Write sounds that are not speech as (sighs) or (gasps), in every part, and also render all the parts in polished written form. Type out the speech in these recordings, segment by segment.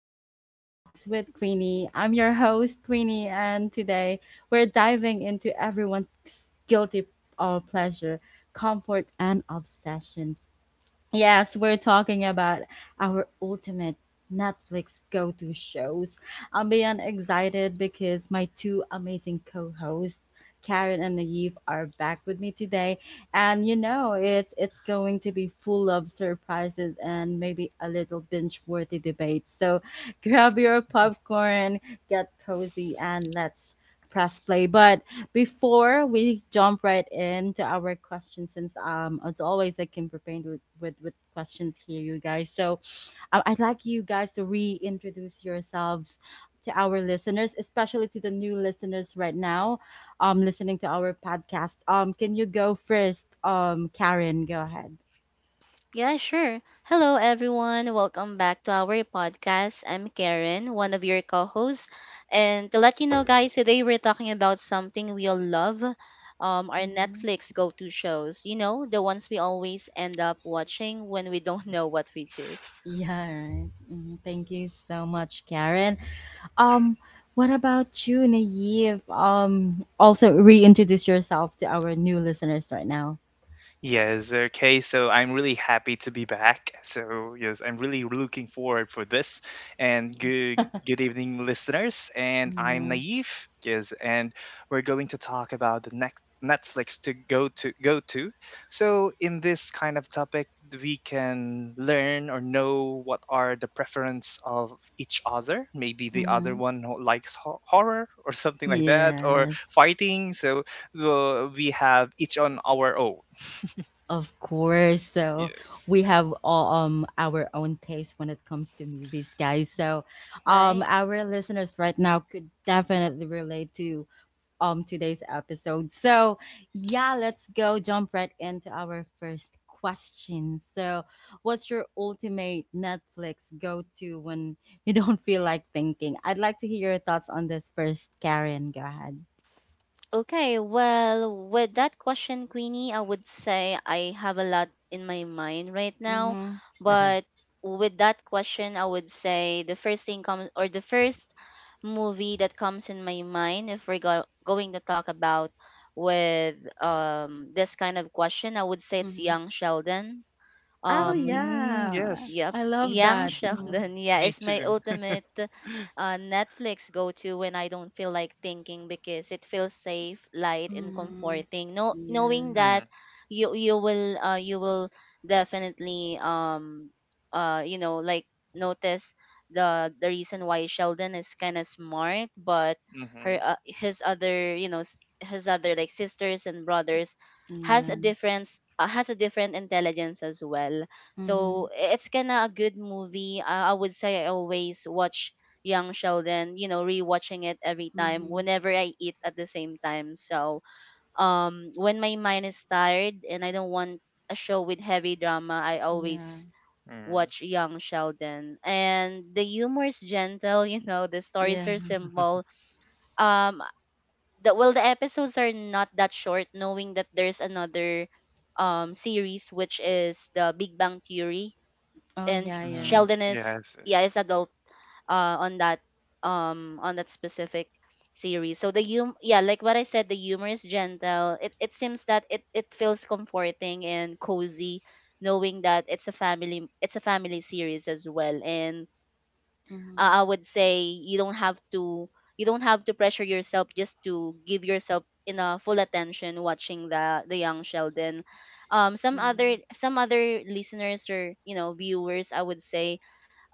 of Chill Talks with Queenie. I'm your host, Queenie, and today we're diving into everyone's guilty pleasure, comfort, and obsession. Yes, we're talking about our ultimate Netflix go to shows. I'm beyond excited because my two amazing co hosts, Karen and Naive, are back with me today. And you know, it's going to be full of surprises and maybe a little binge worthy debate. So grab your popcorn, get cozy, and let's press play. But before we jump right into our questions, since as always I came prepared with questions here, you guys. So I'd like you guys to reintroduce yourselves to our listeners, especially to the new listeners right now, listening to our podcast. Can you go first? Karen, go ahead. Yeah, sure. Hello, everyone. Welcome back to our podcast. I'm Karen, one of your co hosts. And to let you know, guys, today we're talking about something we all love our Mhm. Netflix go to shows. You know, the ones we always end up watching when we don't (laughs) know what which is, Yeah, right. Mhm. Thank you so much, Karen. Um, what about you, Naive? Also reintroduce yourself to our new listeners right now. Yes, okay. So I'm really happy to be back. So yes, I'm really looking forward for this. And good evening, listeners. And I'm Mm-hmm. Naive. Yes, and we're going to talk about the next Netflix to go to go to. So in this kind of topic, we can learn or know what are the preference of each other. Maybe the other one who likes horror or something like that, or Yes, fighting. So we have each on our own. of course. So Yes. we have all our own taste when it comes to movies, guys. So right? our listeners right now could definitely relate to today's episode. So, yeah, let's go jump right into our first question. So, what's your ultimate Netflix go-to when you (laughs) don't feel like thinking? I'd like to hear your thoughts on this first, Karen. Go ahead. Okay, well, with that question, Queenie, I would say I have a lot in my mind right now. Mhm. Hmm. But with that question, I would say the first thing comes, or the first movie that comes in my mind, if we're going to talk about with this kind of question, I would say it's Mm-hmm. Young Sheldon. Oh, Um, Mm, yeah. yes. Yep. I love Mm, mm, Young (laughs) that. mm. Mhm. Sheldon, yeah, Me is my too. ultimate Netflix go to when I don't feel like thinking because it feels safe, light, and Mm-hmm. comforting. No, knowing Yeah. that Mm, you will you will definitely uh you know like notice the reason why Sheldon is kind of smart, but mm-hmm. her his other his other like sisters and brothers has a Yeah. difference has a different intelligence as well, so Mhm. it's kind of a good movie. I would say I always watch Young Sheldon, you know, rewatching it every time Mm-hmm. whenever I eat at the same time. So when my mind is tired and I don't want a show with heavy drama, I Yeah. always Mm, watch Young Sheldon. And the humor is gentle, (laughs) you know, the stories Yeah. are simple. Um, well, the episodes are not that short, knowing that there's another series, which is the Big Bang Theory, Oh and yeah, yeah. mm, Sheldon is yes. Yes. yeah is adult uh, on that on that specific series. So the hum yeah, like what I said, the humor is gentle. It seems that it feels comforting and cozy, knowing that it's a family series as well. And Mhm. I would say you don't have to, you don't have to pressure yourself just to give yourself in a full attention watching the young Sheldon. Some other, Mhm. some other listeners or you know viewers, I would say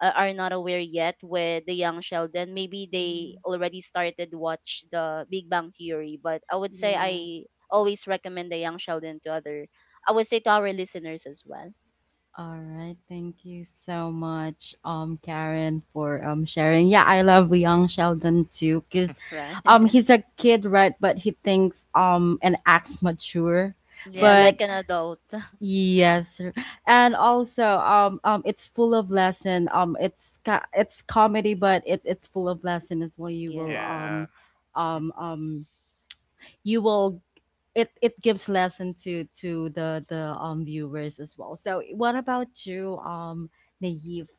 are not aware yet with the young Sheldon. Maybe they Mhm. already started watch the Big Bang Theory, but I would say Yeah. I always recommend the young Sheldon to other. I would say to our listeners as well, All right, thank you so much, Karen, for sharing. Yeah, I love young Sheldon too, cause right? (laughs) He's a kid, right? But he thinks and acts mature. Yeah, Hmm. like But an adult. (laughs) yes, sir. And also it's full of lesson. It's comedy, but it's full of lesson as well. Yeah. Yeah. Um um you will it gives lesson to the viewers as well. So what about you, Naive?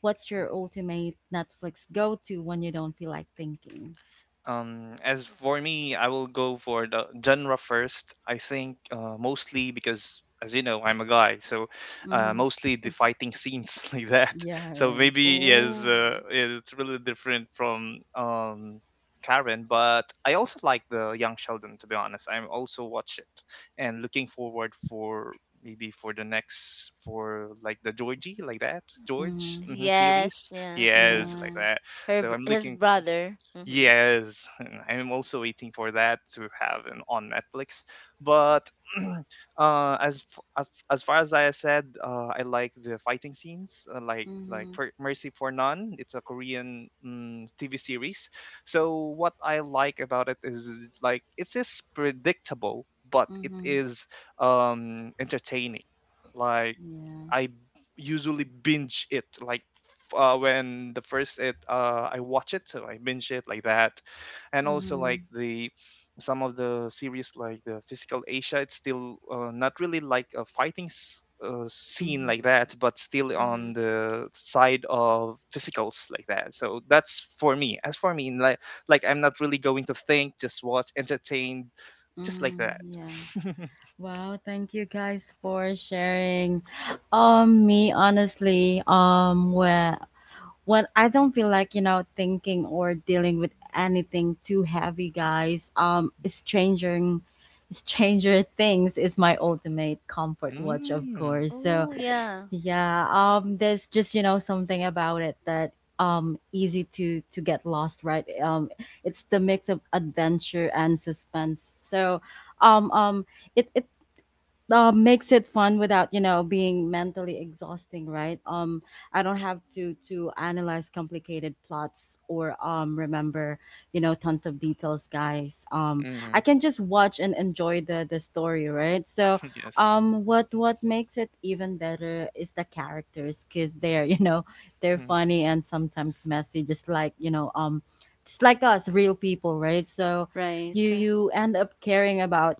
What's your ultimate Netflix go to when you don't feel like thinking? As for me, I will go for the genre first. I think mostly because, as you know, I'm a guy, so Mm-hmm. mostly the fighting scenes (laughs) like that. Yeah, So right. maybe Oh. is really different from Karen, but I also like the Young Sheldon. To be honest, I'm also watch it and looking forward for maybe for the next for like the Georgie like that George Mm-hmm. mhm, series. Yes. Yeah. Yeah. Yes, like Yeah. that. So I'm His looking for. brother. Mhm. Yes, and I'm also waiting for that to have an, on Netflix. But (clears throat) as as far as I said, I like the fighting scenes, like Mm-hmm. for Mercy for None. It's a Korean mm, TV series. So what I like about it is like it is predictable, but it Mm-hmm. is entertaining. Like Yeah. I usually binge it like when the first it I watch it, so I binge it like that, and also Mm-hmm. like the some of the series like the Physical Asia. It's still not really like a fighting scene Mm-hmm. like that, but still Mhm. on the side of physicals like that. So that's for me. As for me, like I'm not really going to think, just watch, entertain, just like that. Mm-hmm. Yeah. (laughs) Wow, thank you guys for sharing. Me honestly, where when I don't feel like, you know, thinking or dealing with anything too heavy, guys, stranger things is my ultimate comfort watch, of Mm. course. So Oh yeah. yeah, there's just, you know, something about it that easy to get lost, right. It's the mix of adventure and suspense, so um um it, it makes it fun without you know being mentally exhausting, right. I don't have to analyze complicated plots or remember you know tons of details, guys. Mm. I can just watch and enjoy the story, right. So (laughs) Yes. What makes it even better is the characters because they're (laughs) you know they're Hmm. funny and sometimes messy, just like you know just like us real people, right. So you Right. you end up caring about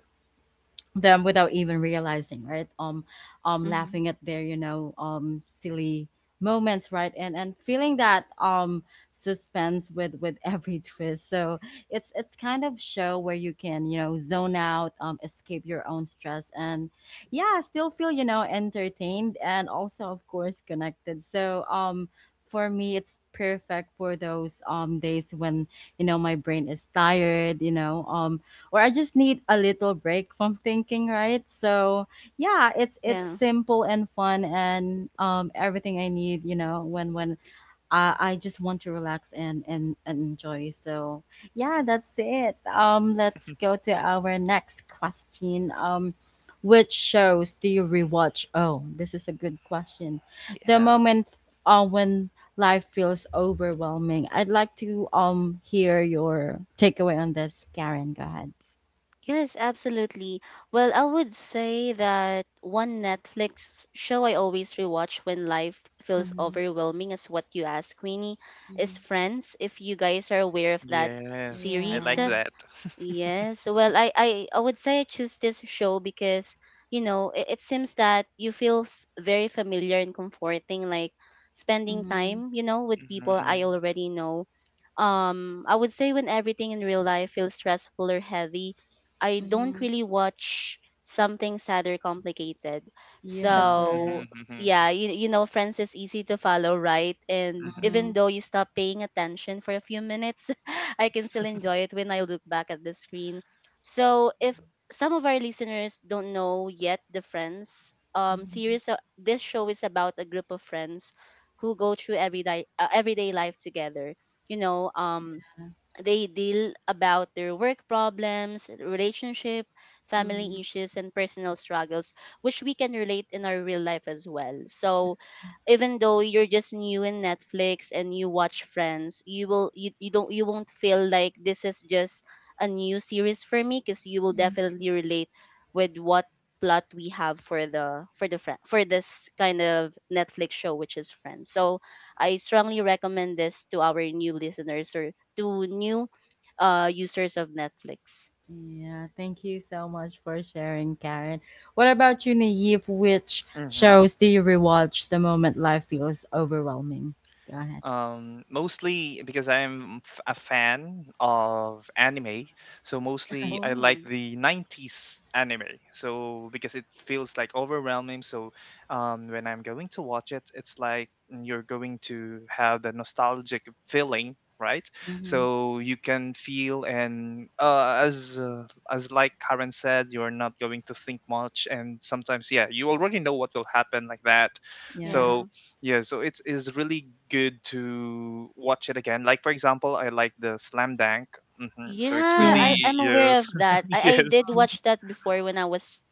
them without even realizing, right. Mhm. Laughing at their you know silly moments, right, and feeling that suspense with every (laughs) twist. So it's kind of show where you can you know zone out, escape your own stress, and yeah still feel you know entertained and also of course connected. So for me it's perfect for those days when you know my brain is tired, you know, or I just need a little break from thinking, right? So yeah, it's Yeah. simple and fun, and everything I need, you know, when I just want to relax and, and enjoy. So yeah, that's it. Let's go to our next question. Which shows do you rewatch? Oh, this is a good question. The Yeah. moment when life feels overwhelming. I'd like to hear your takeaway on this, Karen. Go ahead. Yes, absolutely. Well, I would say that one Netflix show I always rewatch when life feels Mhm, overwhelming is what you asked, Queenie, mhm. is Friends. If you guys are aware of that Yes. I series, like Yeah. that. (laughs) yes. Well, I would say I choose this show because, you know, it seems that you very familiar and comforting, like spending Mhm, time, you know, with people Mm-hmm. I already know. I would say when everything in real life feels stressful or heavy, I don't mhm. really watch something sad or complicated. (laughs) Yes, So right. Mm-hmm. Mm-hmm. yeah, you know, friends is easy to follow, right? And Mm-hmm. Mhm, even though you stop paying attention for a few minutes, (laughs) I can still enjoy it when I look back at the screen. So, if some of our listeners don't know yet the Friends mhm, series, this show is about a group of friends who go through everyday life together. You know, they deal about their work problems, relationship, family mhm. issues, and personal struggles, which we can relate in our real life as well. So even though you're just new in Netflix and you watch Friends, you don't you won't feel like this is just a new series for me because you will definitely relate with what plot we have for the friend for this kind of Netflix show, which is Friends. So I strongly recommend this to our new listeners or to new users of Netflix. Yeah, thank you so much for sharing, Karen. What about you, Naive? Which Mm-hmm. shows do you rewatch the moment life feels overwhelming? Go ahead. Mostly because a fan of anime, so mostly I like Oh, the 90s anime. So because it feels like overwhelming, so when I'm going to watch it, it's like you're going to have the nostalgic feeling, right? Mm-hmm. So you can feel and as like Karen said, you're not going to think much, and sometimes yeah, you already know what will happen like that. Yeah. So yeah. yeah, so it's is really good to watch it again. Like for example, I like the Slam Dunk. Hmm. So it's Yeah, Yeah. really I'm aware yes, of that. (laughs) I yes, did Mm, watch that before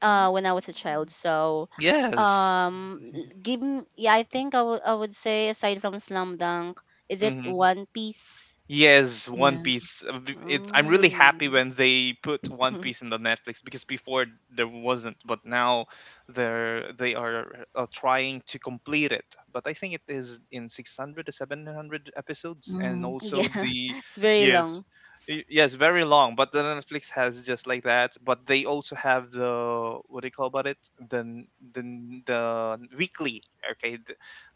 when I was a child. So, yes. Yeah, I think I would say aside from Slam Dunk, is it Hmm. One Piece? Yes, One yeah. Piece. It, I'm really happy Oh. when they put One Piece (laughs) in the Netflix, because before there wasn't, but now they are trying to complete it. But I think it is in 600 to 700 episodes, and Mm-hmm. also Yeah, (laughs) the it's very yes, long. Yes, very long. But the Netflix has just like that. But they also have the what do you call about it? The n- the weekly. Okay,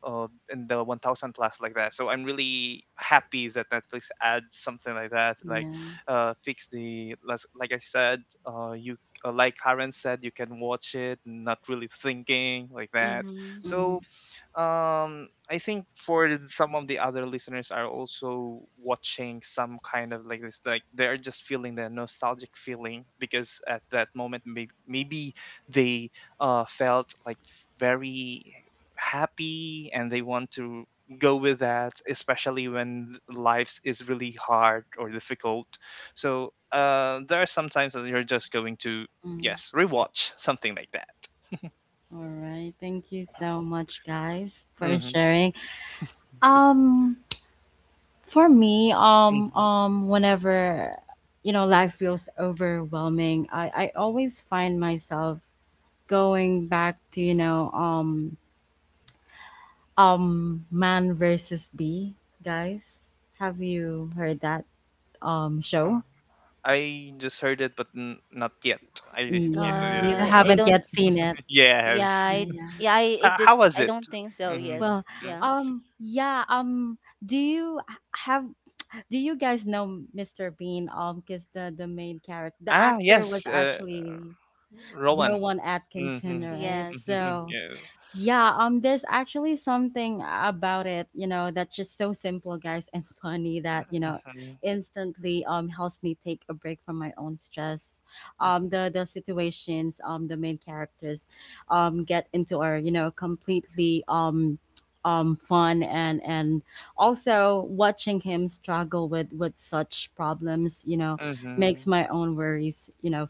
uh, in the 1000 class like that. So I'm really happy that Netflix adds something like that. Like Yeah. Like I said, you like Karen said, you can watch it not really thinking like that. Mm-hmm. Mm-hmm. So I think for some of the other listeners are also watching some kind of like this, like they're just feeling the nostalgic feeling, because at that moment, maybe, maybe they felt like very happy, and they want to go with that, especially when life is really hard or difficult. So uh, there are some times that you're just going to Mm. yes rewatch (laughs) something like that. All right. Thank you so much, guys, for Mm-hmm. sharing. Um, For me, Hmm. Whenever you know life feels overwhelming, I always find myself going back to you know man versus bee, guys. Have you heard that Uh, show? I just heard it but not yet. I Yeah, you yeah, I haven't don't. yet seen it. (laughs) Yeah, yes. I Yeah. yeah I it H- did. how was I it? don't think so. Mm-hmm. Yes. Well, Mm-hmm. Yeah. Yeah. Do you have? Do you guys know Mr. Bean? Because the main character, the Ah, actor was yes, actually Rowan. Rowan Mm-hmm, Atkinson, mm. right? Yes. Mm-hmm. So, Mm. Yes. yeah, there's actually something about it, you know, that's just so simple, guys, and (laughs) funny that, you know, Mm-hmm, instantly helps me take a break from my own stress. mm-hmm, The situations the main characters get into are, you know, completely fun and also watching him struggle with such problems, you know, mm-hmm. makes my own worries, you know,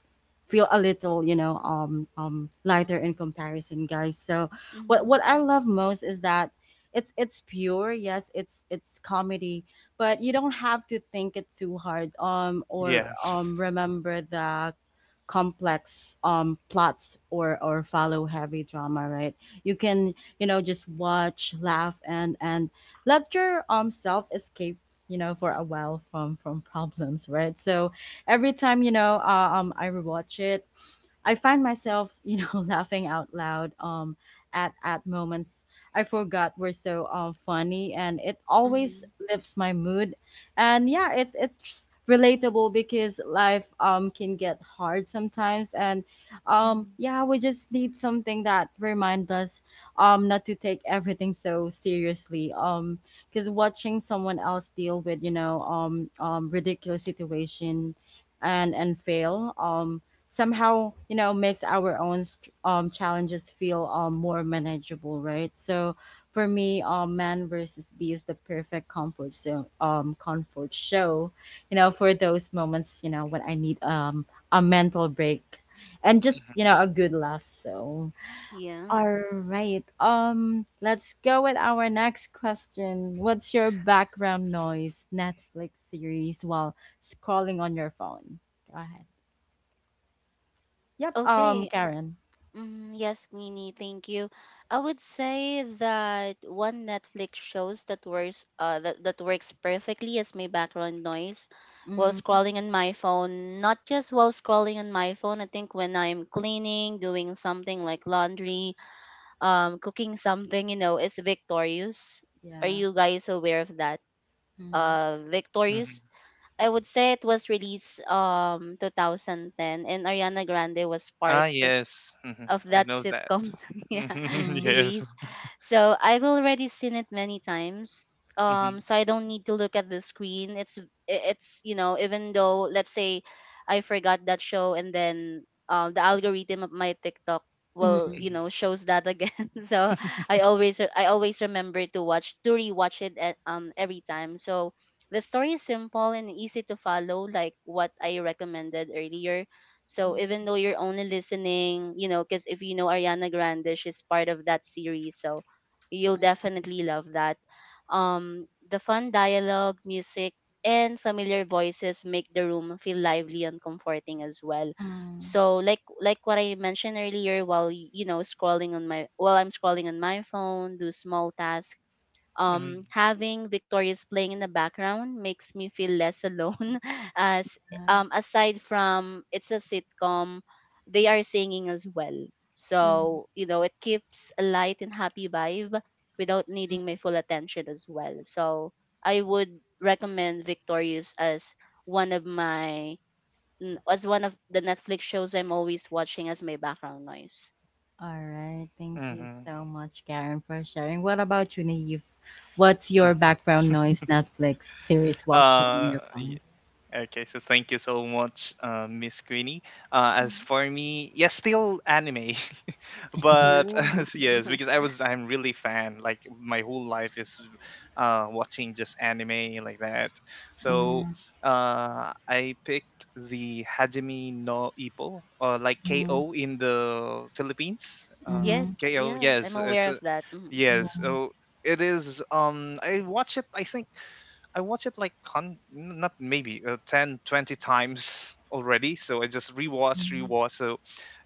feel a little, you know, lighter in comparison, guys. So Mm-hmm. what I love most is that it's pure. Yes, it's comedy, but you don't have to think it too hard. Yeah. Or remember the complex plots, or follow heavy drama, right. You can you know just watch, laugh, and let your self escape, you know, for a while from problems, right. So every time you know I rewatch it, I find myself, you know, (laughs) laughing out loud at moments I forgot were so funny, and it always Mm-hmm. lifts my mood. And yeah, it's relatable, because life can get hard sometimes, and Mm-hmm. yeah, we just need something that reminds us not to take everything so seriously. Because watching someone else deal with, you know, ridiculous situation and fail somehow you know makes our own challenges feel more manageable, right. So for me man versus bee is the perfect comfort show, you know, for those moments, you know, when I need a mental break, and just you know a good laugh. So Yeah. all right, let's go with our next question. What's your background noise Netflix series while scrolling on your phone? Go ahead. Yep. um Okay. karen Mm, yes, Queenie, thank you. I would say that one Netflix shows that that works perfectly as my background noise while Mm, scrolling on my phone. Not just while scrolling on my phone, I think when I'm cleaning, doing something like laundry, cooking something, you know, is Victorious. Are yeah. you guys aware of that? Mm, Hmm. Hmm. Victorious, I would say it was released 2010, and Ariana Grande was part Ah, yes. Hmm. of I that know that. sitcom, (laughs) yeah, (laughs) mm, Yes. series. So I've already seen it many times. Hmm. So I don't need to look at the screen. It's you know even though let's say I forgot that show, and then the algorithm of my TikTok will, you mm, Hmm. know, shows that again. (laughs) So I always remember to watch, to rewatch it at, every time. So the story is simple and easy to follow, like what I recommended earlier. So mm, even though you're only listening, you know, because if you know Ariana Grande, she's part of that series. So you'll definitely love that. The fun dialogue, music, and familiar voices make the room feel lively and comforting as well. mm, So like what I mentioned earlier, while I'm scrolling on my phone, do small tasks, Hmm. Having Victorious playing in the background makes me feel less alone, (laughs) as yeah, aside from it's a sitcom, they are singing as well. mm. So you know it keeps a light and happy vibe without needing my full attention as well. So I would recommend Victorious as one of my as one of the Netflix shows I'm always watching as my background noise. All right. Thank you Hmm. so much, Karen, for sharing. What about you, Naive? What's your background noise Netflix series while scrolling Uh, your yeah. phone? Okay, so thank you so much, Miss Queenie. As Mhm. for me, yes, still anime. (laughs) Yeah. But Ooh. (laughs) yes, because (laughs) I'm really fan, like my whole life is watching just anime like that. So Mm-hmm, I picked the Hajime no Ippo, or like ko in the Philippines, mm-hmm, Yes. ko, Yeah, yes, I'm it's aware a of that. yes. mm-hmm, So it is I watch it, I think I watched it like not maybe 10, 20 times (laughs) already. So I just mm-hmm, rewatch. So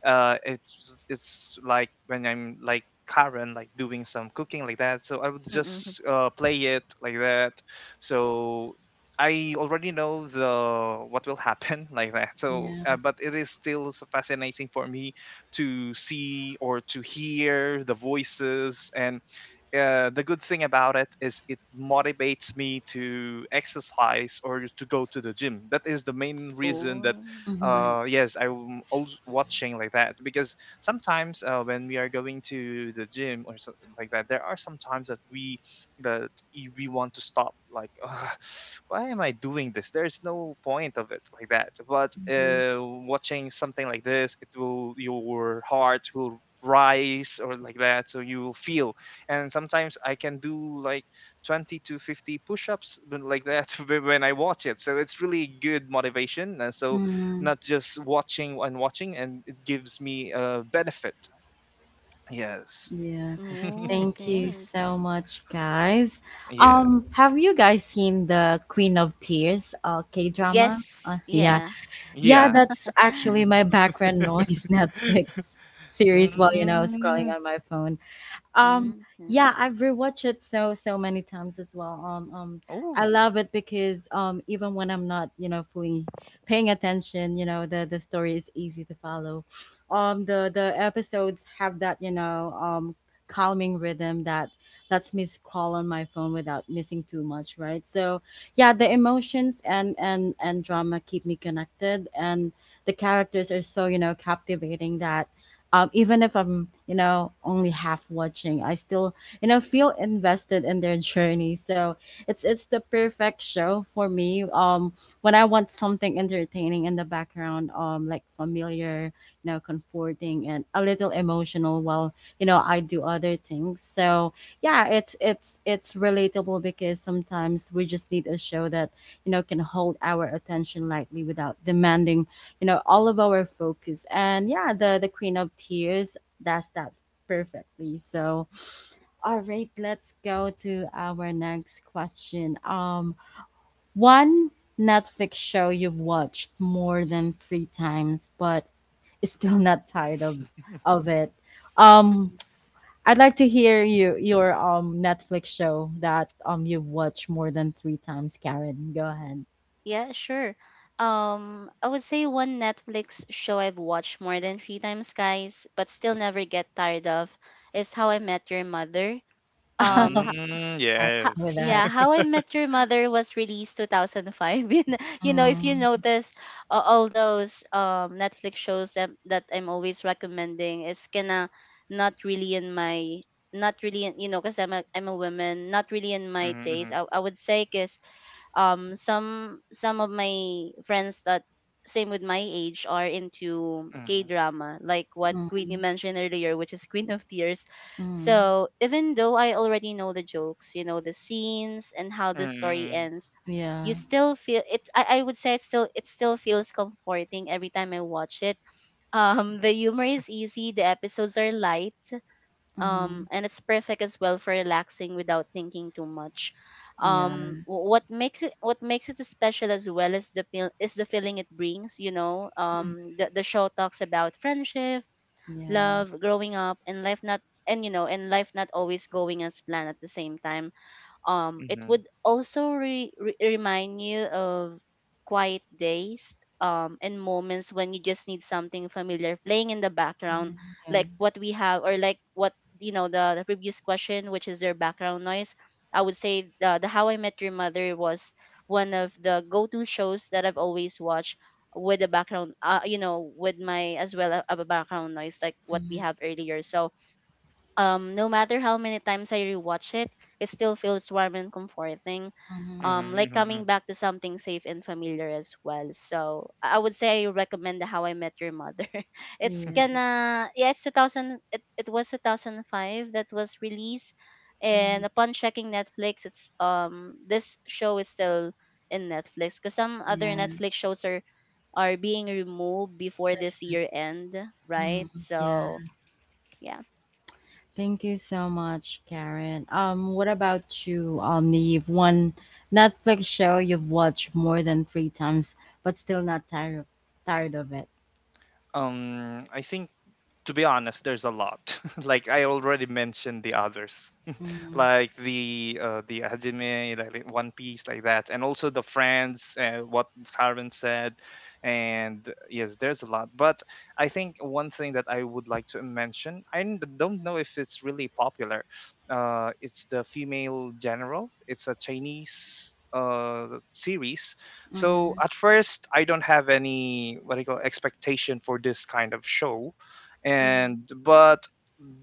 uh, it's it's like when I'm like Karen, like doing some cooking like that. So I would Mm-hmm. just play it like that. So I already know the what will happen (laughs) like that. So, yeah. but it is still so fascinating for me to see or to hear the voices, and the good thing about it is it motivates me to exercise or to go to the gym. That is the main reason that, Oh. Mm-hmm, Right. Yes, I'm always watching like that. Because sometimes when we are going to the gym or something like that, there are some times that we that we want to stop. Like, "Ugh, why am I doing this? There's no point of it like that." But mm-hmm, watching something like this, it will your heart will rise or like that, so you will feel, and sometimes I can do like 20 to 50 push-ups but like that (laughs) when I watch it. So it's really good motivation. And so mm-hmm, not just watching and watching, and it gives me a benefit. Yes. yeah. (laughs) Oh, Thank you okay. so much, guys. Yeah. Have you guys seen the Queen of Tears, K drama? Yes. Yeah. Yeah. Yeah, Yeah. that's (gasps) actually my (laughs) background noise (laughs) Netflix series while you know scrolling Mm. on my phone. Um, Mm-hmm. yeah, I've rewatched it so many times as well. I Oh. love it because even when I'm not, you know, fully paying attention, you know, the story is easy to follow. The episodes have that, you know, calming rhythm that lets me scroll on my phone without missing too much, right. So yeah, the emotions and and drama keep me connected, and the characters are so you know captivating that even if I'm you know only half watching I still you know feel invested in their journey. So it's the perfect show for me when I want something entertaining in the background, like familiar, you know, comforting, and a little emotional, while you know I do other things. So yeah, it's relatable, because sometimes we just need a show that you know can hold our attention lightly without demanding you know all of our focus. And yeah, the Queen of Tears, that's that perfectly. So all right, let's go to our next question. One Netflix show you've watched more than three times, but (laughs) is still not tired of it. um Mm. I'd like to hear your Netflix show that you've watched more than three times, Karen. Go ahead. Yeah, sure. I would say one Netflix show I've watched more than three times, guys, but still never get tired of is How I Met Your Mother. Um, ha- (laughs) Mm, I ha- with yes. yeah, that. (laughs) How I Met Your Mother was released 2005. (laughs) You know, if you Mm, notice, all those Netflix shows that, that I'm always recommending is kinda not really in my not really in, you know because I'm a woman, not really in my taste, Mhm, I would say 'cause some of my friends that same with my age are into K mhm, drama, like what mm, Queenie mentioned earlier, which is Queen of Tears. mm. So even though I already know the jokes, you know, the scenes and how the story mhm, ends, you Yeah. still feel I would say it's still it still feels comforting every time I watch it. (laughs) The humor is easy, the episodes are light, Mm-hmm. And it's perfect as well for relaxing without thinking too much. Yeah. What makes it, what makes it special as well is the feel is the feeling it brings. You know, Mm, the show talks about friendship, yeah. love, growing up, and life not and you know and life not always going as planned at the same time. Mhm, It mhm, would also remind you of quiet days, and moments when you just need something familiar playing in the background, Mm-hmm. Yeah. like what we have, or like what, you know, the previous question, which is their background noise. I would say the How I Met Your Mother was one of the go to shows that I've always watched with the background, you know, with my as well a background noise like what we Mm-hmm. have earlier. So no matter how many times I rewatch it, it still feels warm and comforting. Mm-hmm. Mhm, Like mhm, coming mhm. back to something safe and familiar as well. So I would say I recommend the How I Met Your Mother. (laughs) It's Yeah. gonna yeah, it, it was 2005 that was released, Mm-hmm. and upon checking Netflix, it's this show is still in Netflix because some other Yeah. Netflix shows are being removed before That's this right. year end, right? Mm-hmm. Yeah. So yeah. Thank you so much, Karen. What about you, Neve? One Netflix show you've watched more than three times, but still not tired of it. I think to be honest, there's a lot. (laughs) Like I already mentioned the others, Mm-hmm. like the Hajime, like One Piece, like that, and also the friends, what Carmen said, and yes, there's a lot. But I think one thing that I would like to mention, I don't know if it's really popular. It's the Female General. It's a Chinese series. So Mm-hmm. at first I don't have any what do you call expectation for this kind of show, Mm-hmm. and but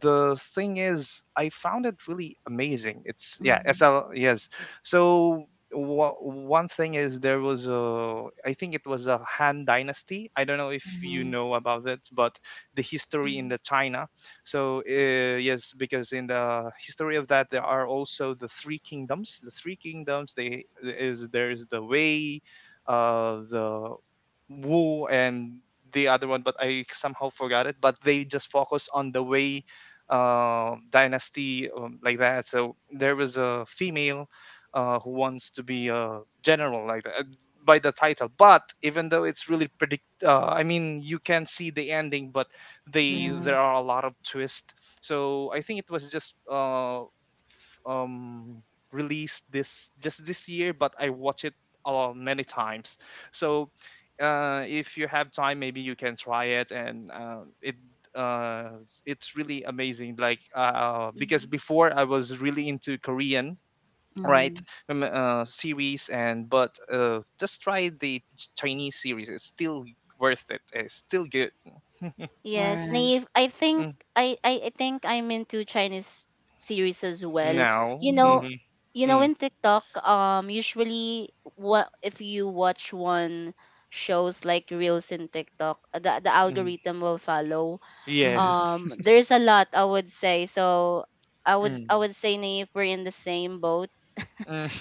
the thing is, I found it really amazing. It's yeah, Mm-hmm. SL yes. So one thing is there was a I think it was a Han Dynasty. I don't know if you Mm-hmm. know about it, but the history Mm-hmm. in the China. So yes, because in the history of that there are also the three kingdoms. The three kingdoms they is there is the Wei, the Wu, and the other one, but I somehow forgot it. But they just focus on the Way dynasty like that. So there was a female who wants to be a general like that, by the title. But even though it's really I mean, you can see the ending, but they Yeah. there Mhm, are a lot of twists. So I think it was just um, released this just this year, but I watch it a many times. So if you have time, maybe you can try it, and uh, it's really amazing. Like because mhm. before I was really into Korean right Mm-hmm. Series, and but just try the Chinese series. It's still worth it. It's still good. All Yes, right. Naive. I think Mm, I think I'm into Chinese series as well. now, You Mm-hmm. know, mm-hmm, you know mm, in TikTok, usually what if you watch one shows like reels in TikTok, the mm, algorithm will follow. Mm-hmm. yes, There's a lot I would say. So (laughs) mm, I would say Naive, we're in the same boat,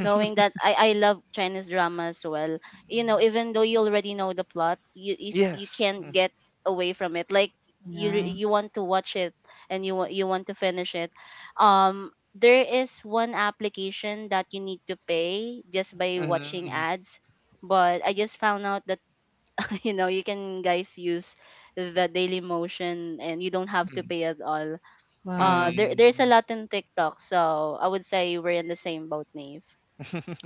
knowing that I love Chinese drama as well. You know, even (laughs) though you already know the plot, you yes, can't mm, get away from it. Like you Yeah. you want to watch it and you want to finish it. Um there is one application that you need to pay just by watching mm, ads, but I just found out that (laughs) you know, you can guys use the daily motion and you don't have to mm, pay at all. Uh Wow. there there's a mm, lot in TikTok, so I would say we're in the same boat, Nave.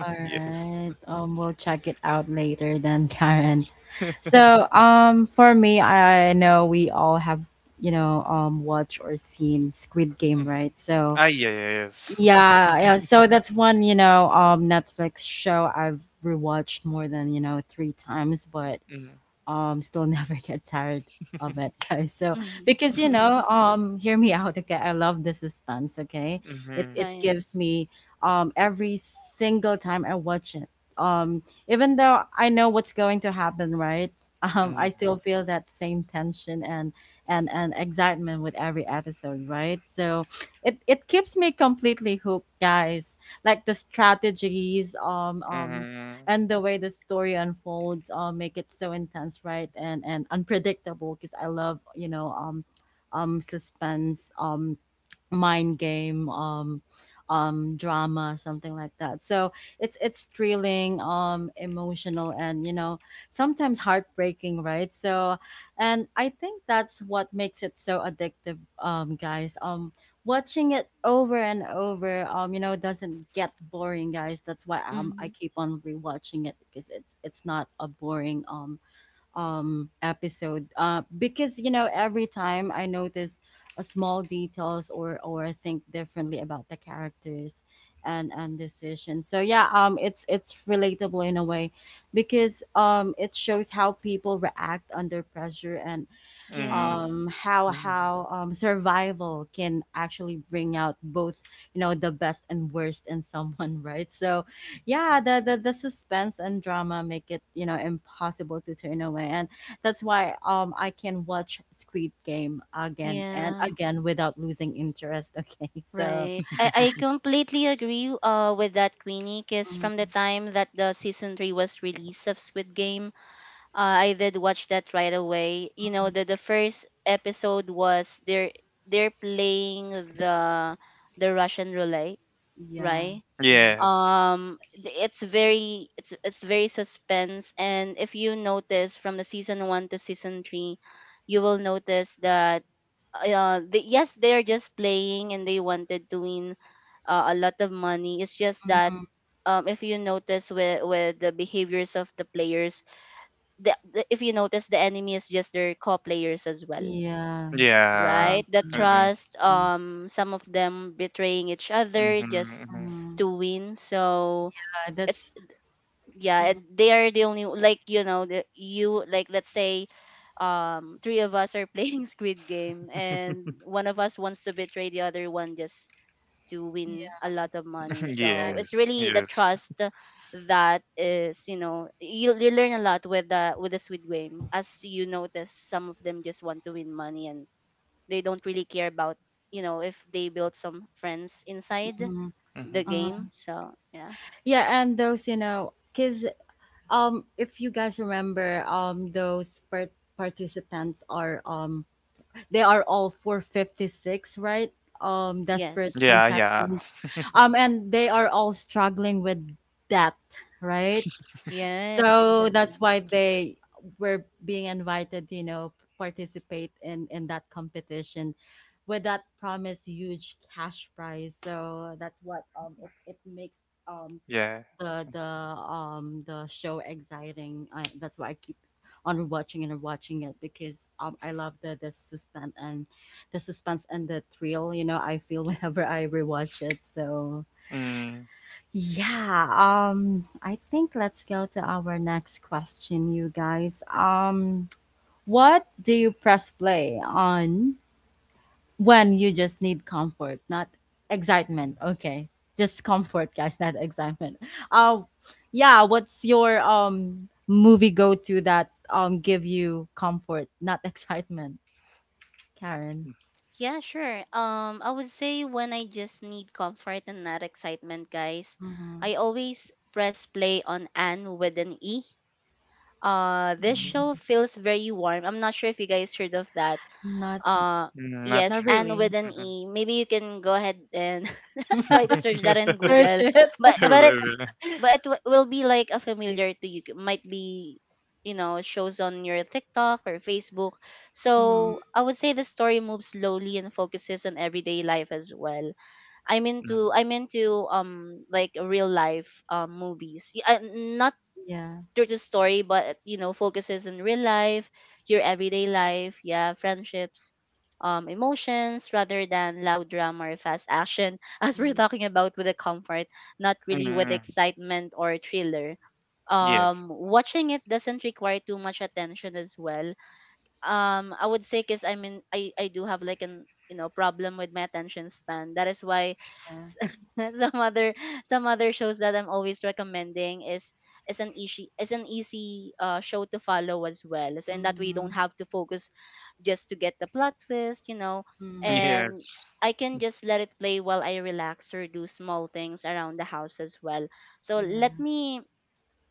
All yes. right. (laughs) Okay. We'll check it out later then, (laughs) Karen. (laughs) So, for me, I know we all have, you know, watched or seen Squid Game, Mm. right? So, Ah, yeah, yeah, yes. yeah, yeah. So that's one, Netflix show I've rewatched more than three times, but (laughs) still (laughs) never get tired of it, guys, so Mhm. because you know (laughs) um hear me out, okay. I love the suspense, okay. It Right. gives me, every single time I watch it, um even though I know what's going to happen, right? (laughs) Mm-hmm. I still feel that same tension and excitement with every episode, right. So it keeps me completely hooked, guys, like the strategies, Mm-hmm. and the way the story unfolds, make it so intense, right, and unpredictable, because I love, suspense, mind game, drama, something like that, so it's thrilling, emotional, and sometimes heartbreaking, right. So, and I think that's what makes it so addictive, guys. Watching it over and over, doesn't get boring, guys. That's why, I Hmm. keep on rewatching it because it's not a boring episode, because every time I notice a small details, or think differently about the characters and decisions. So yeah, it's relatable in a way because it shows how people react under pressure, and Mm-hmm. Yes. How Mm. how survival can actually bring out both, the best and worst in someone, (laughs) right. So yeah, the suspense and drama make it, impossible to turn away, and that's why I can watch Squid Game again and Yeah. again without losing interest. (laughs) Okay. So Right. I completely agree with that, Queenie, because from the Mhm. time that the season three was released of Squid Game, I did watch that right away. You know, the first episode was they're playing the the Russian roulette, Yeah. right? Mhm. Yes. It's very it's very suspense. And if you notice from the season 1 to season 3, you will notice that they, yes, they're just playing and they wanted to win a lot of money. It's just that Mhm. If you notice with the behaviors of the players, the if you notice, the enemy is just their co-players as well, Yeah. Yeah. right? The Exactly, Mm-hmm. (laughs) trust, exactly. Some of them betraying each other just Mhm. to win. So it's, That's. yeah, Mhm. and they are the only, like, you know, you, like, let's say three of us are playing (laughs) squid game and one of us wants to betray the other one just to win a Yeah. lot of money. Mm-hmm. So Exactly. it's Yes. really the Yes. trust that, is, you know, you learn a lot with the squid game, as you notice some of them just want to win money and they don't really care about, you know, if they build some friends inside the Mm-hmm. game. Uh, So yeah. yeah, and those, because, if you guys remember, those participants are, they are all 456, right? Desperate Yes, Yeah. Yeah. contestants, and they are all struggling with debt, right? yes, So that's exactly. why they were being invited, participate in that competition with that promised huge cash prize. So that's what it makes, um Yeah. the show exciting. That's why I keep on rewatching and rewatching it because, I love the suspense and the thrill. You know, I feel (laughs) whenever I rewatch it. So Mm. yeah, I think let's go to our next question, you guys. What do you press play on when you just need comfort, not excitement? Okay. Just comfort, guys, not excitement. Um yeah, what's your movie go to that give you comfort, not (laughs) excitement, Karen? Mhm. Yeah, sure. I would say, when I just need comfort and not excitement, guys, Mm-hmm. I always press play on Anne with an E. This show feels very warm. I'm not sure if you guys heard of that. Not Uh, Mm, not yes, not really. and with really. an Mm-hmm. E. Maybe you can go ahead and (laughs) (laughs) try to search that in Search Google. it. But (laughs) but it's Really. but will be like a familiar to you. Might be, you know, shows on your TikTok or Facebook. Mm-hmm. So I would say the story moves slowly and focuses on everyday life as well. I'm Mm. into I'm into like real life movies. Not Yeah. through the story, but, you know, focuses on real life, your everyday life, yeah, friendships, emotions, rather than loud drama or fast action, (laughs) as we're Mm, talking about with the comfort, not really with Mm. excitement or thriller. Yes. Watching it doesn't require too much attention as well, I would say, because I mean I do have like an, you know, problem with my attention span, that is why yeah. s- (laughs) some other some other shows that I'm always recommending is is an easy show to follow as well. So in that way, you Mm. don't have to focus just to get the plot twist, you know. Mm. And Yes. I can just let it play while I relax or do small things around the house as well. So let Yeah. me,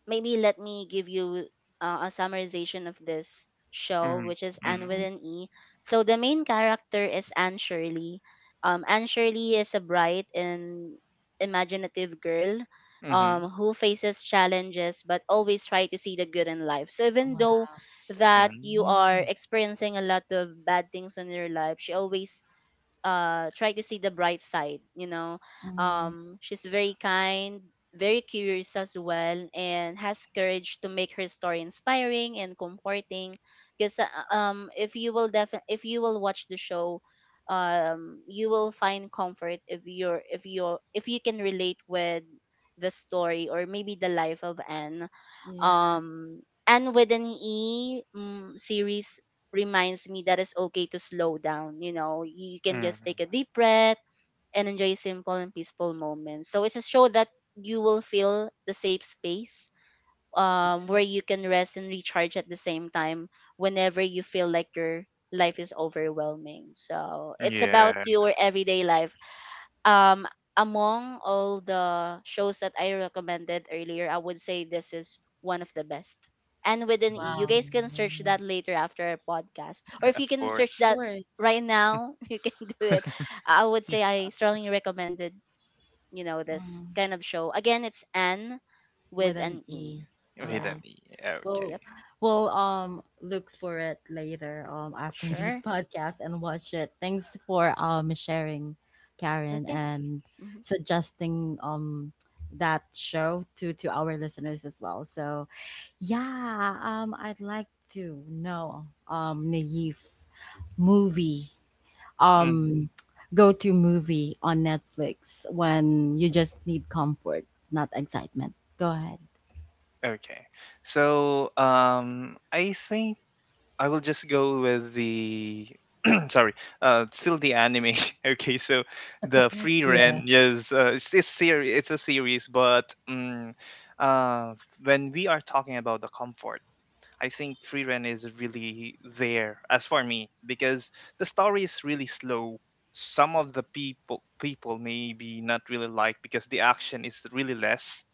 maybe let me give you a summarization of this show, Mm. which is Anne Mm. with Mm. an E. So the main character is Anne Shirley. Anne Shirley is a bright and imaginative girl, Mm-hmm. Who faces challenges but always try to see the good in life. So even though Wow. that you are Mm-hmm. experiencing a lot of bad things in your life, she always try to see the bright side, you know. Mm. She's very kind, very curious as well, and has courage to make her story inspiring and comforting. Because if you will watch the show, you will find comfort if you're if you're if you can relate with the story or maybe the life of Anne. Yeah. um and within E, series reminds me that it's okay to slow down. You know, you can Mhm. just take a deep breath and enjoy simple and peaceful moments. So it's a show that you will feel the safe space, where you can rest and recharge at the same time whenever you feel like your life is overwhelming. So it's about Yeah. your everyday life. um Among all the shows that I recommended earlier, I would say this is one of the best. And with an E, you Wow. guys can search Mm, that later after our podcast, or (laughs) if of you can Of search course. that course. right now, (laughs) you can do it. I would Yes. say I strongly recommended, you know, this Mm. kind of show. Again, it's Anne with With an an E. E. All Hidden. Yeah. right. We'll Yep. Okay. we'll look for it later, after (laughs) this Sure. podcast and watch it. Thanks for sharing, Karen, Okay. and Mhm. suggesting that show to our listeners as well. So yeah, I'd like to know, Naive, movie, Mm, um go to movie on Netflix when you just need comfort, not excitement. Go ahead. okay. So, I think I will just go with the. (clears throat) Sorry. Still the anime. (laughs) Okay. So, the Free Yeah. Rent. Yes. It's this series. It's a series, but uh, when we are talking about the comfort. I think Free Ren is really there as for me, because the story is really slow. Some of the people maybe not really like because the action is really less,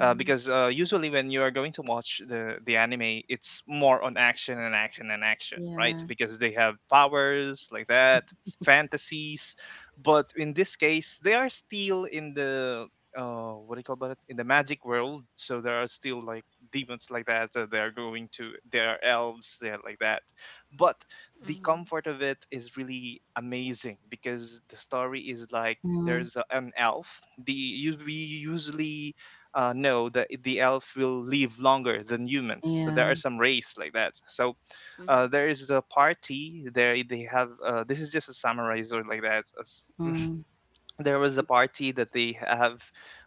because usually when you are going to watch the anime, it's more on action and action and action, right? Yeah. Because they have powers like that, fantasies. But in this case, they are still in the what do you call about it? In the magic world, so there are still like demons like that. They are going to there are elves there like that, but the Mhm. comfort of it is really amazing, because the story is like Mm. there's a, an elf we usually no, the elf will live longer than humans. So there are Yeah. some race like that. So Mhm. there is the party. There they have. This is just a summarizer like that. Mm. There was a party that they have.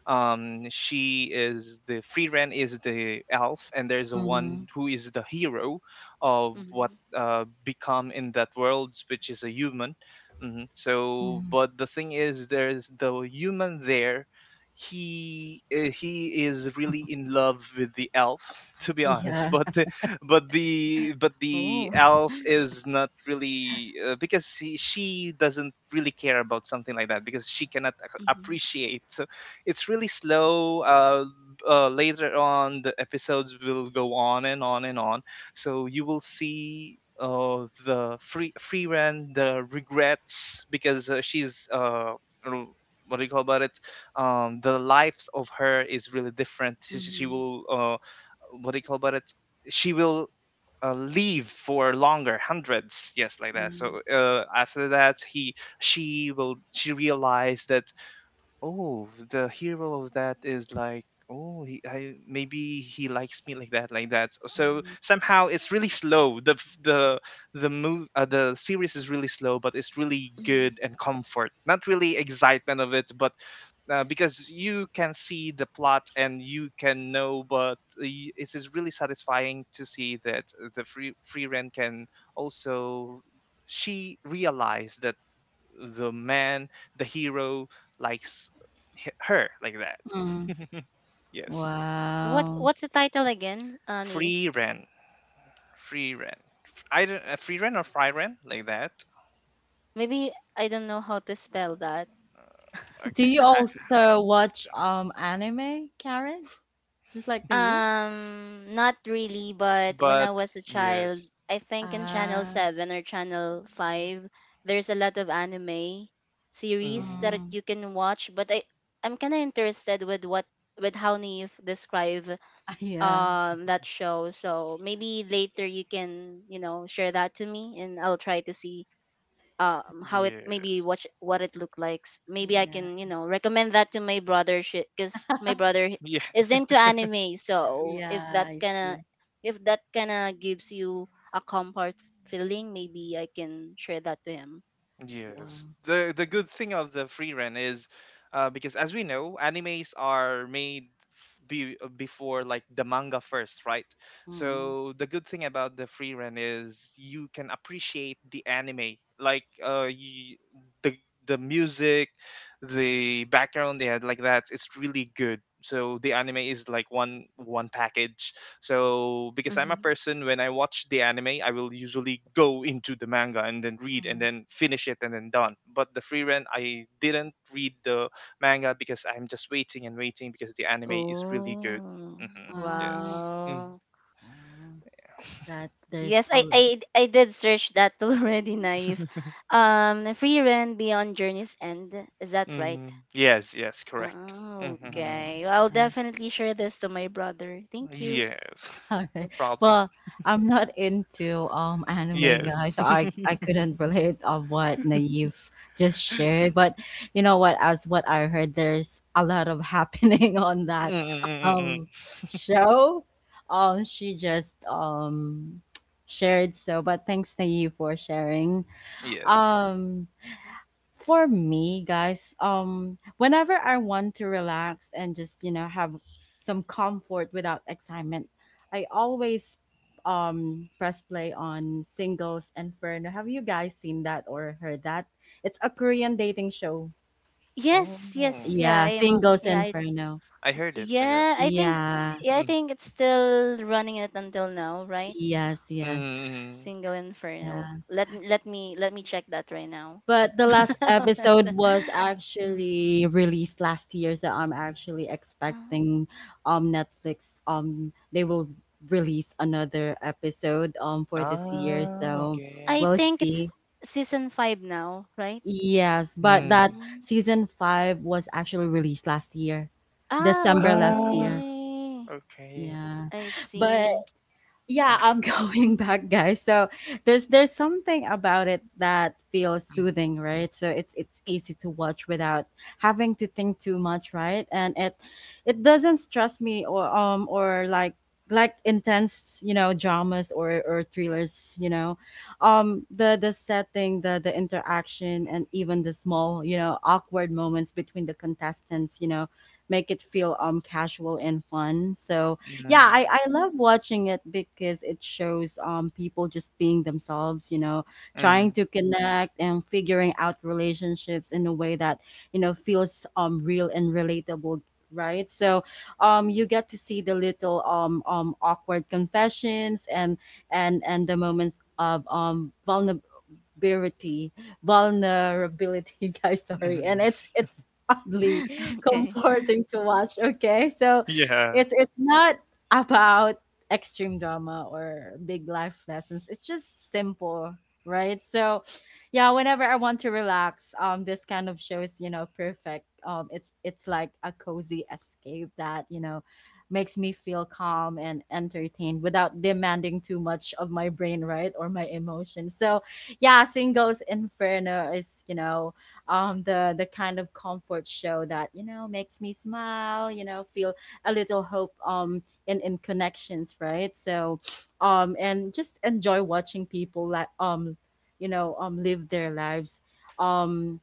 She is the free ren, is the elf, and there's a one Mhm. who is the hero of what Mhm. Become in that world, which is a human. So Mhm. but the thing is there's the human there. He is really in love with the elf (laughs) to (laughs) be honest (laughs) Yeah. (laughs) But the Oh. elf (laughs) is not really because she doesn't really care about something like that because she cannot Mhm. appreciate. So it's really slow. Later on, the episodes will go on and on and on. So you will see the free ran, the regrets, because she's r- what do you call about it? The lives of her is really different. She Mhm. will what do you call about it? She will live for longer hundreds, yes, like that. So Mm. After that, he she realized that, oh, the hero of that is like, oh, maybe he likes me, like that, like that. So Mhm. somehow it's really slow. The f- the move, the series is really slow, but it's really good Mhm. and comfort. Not really excitement of it, but because you can see the plot and you can know. But it is really satisfying to see that the free rent can also, she realized that the man, the hero, likes her, like Mm. that. (laughs) Yes, What What's Wow. the title again, Naive? free ran, free ran. I don't free ran or fry ran, like that. Maybe I don't know how to spell that. Do Okay, you (laughs) also watch anime, Karen? (laughs) Just like the youth? Not really, but when I but was a child, yes, I think in Channel Ah. 7 or Channel 5, there's a lot of anime series mm, that Mm. you can watch, but I'm kind of interested with what, with how Neve describe (laughs) Yeah. That show. So maybe later you can, you know, share that to me, and I'll try to see how it, maybe yes, what what it looked like. Maybe I Yeah. can, you know, recommend that to my brother, because my brother yeah. is into anime, so if Yeah. that I kinda, see. if that kinda gives you a comfort feeling, maybe I can share that to him. Yes. Wow. The good thing of the free rent is because as we know, animes are made before, like the manga first, right? Mm. So the good thing about the free rent is you can appreciate the anime, like y the the music, the background they had, like that. It's really good. So the anime is like one package. So because I'm a Hmm. person, when I watch the anime, I will usually go into the manga and then read and Mm. then finish it and then done. But the free rent, I didn't read the manga because I'm just waiting and waiting because the anime is really good. Oh, Ah. Yes. Mm. wow. Oh. That's There's Yes, a lot. I did search that (laughs) already, Naive. Free rent beyond journey's end, is that right? hmm Yes. Yes. Correct. Oh, Mm, hmm okay. Well, I'll okay. definitely share this to my brother. Thank you. Yes. (laughs) All (laughs) No right. problem. Well, I'm not into anime, Yes. guys, so I (laughs) I couldn't relate of what Naive just shared. But you know what? As what I heard, there's a lot of happening (laughs) on that Mm-mm-mm-mm. um show. She just shared, so. But thanks, Naive, for sharing. Yes. Um, for me, guys, whenever I want to relax and just, have some comfort without excitement, I always press play on Singles Inferno. Have you guys seen that or heard that? It's a Korean dating show. Oh, Yes, yes, yeah. Yeah, I am. Singles Inferno. I heard it. Yeah. Yes. I think. Yeah. Yeah, I think it's still running it until now, right? Yes, yes. Mm-mm. Single Inferno. Yeah. Let me check that right now. But the last episode was (laughs) Mm, actually released last year, so I'm actually uh, expecting, Netflix, they will release another episode for this year. Ah, So okay. I we'll think it's see. season five now, right? Yes, but Mm. that Mm. season five was actually released last year, Ah, December last Ah, year. okay. okay. Yeah, I but see. Mm, yeah, I'm (laughs) going back, guys, so there's something about it that feels soothing, right. So it's easy to watch without having to think too much, right, and it doesn't stress me, or or like intense, dramas or thrillers. The setting, the interaction, and even the small, awkward moments between the contestants, make it feel casual and fun, so yeah, mm, I love watching it because it shows, people just being themselves, mm, mm. trying to connect and figuring out relationships in a way that, feels real and relatable, right. So, you get to see the little, awkward confessions, and the moments of vulnerability vulnerability, (laughs) guys, sorry, and Mm. (laughs) it's oddly (laughs) Okay. comforting to watch, okay. So Yeah. it's not about extreme drama or big life lessons. It's just simple, right. So yeah, whenever I want to relax, this kind of show is, perfect. It's like a cozy escape that, makes me feel calm and entertained without demanding too much of my brain, right, or my emotions. So yeah, Singles Inferno is, the kind of comfort show that, makes me smile, feel a little hope, in connections, right. So, and just enjoy watching people, like, live their lives. Um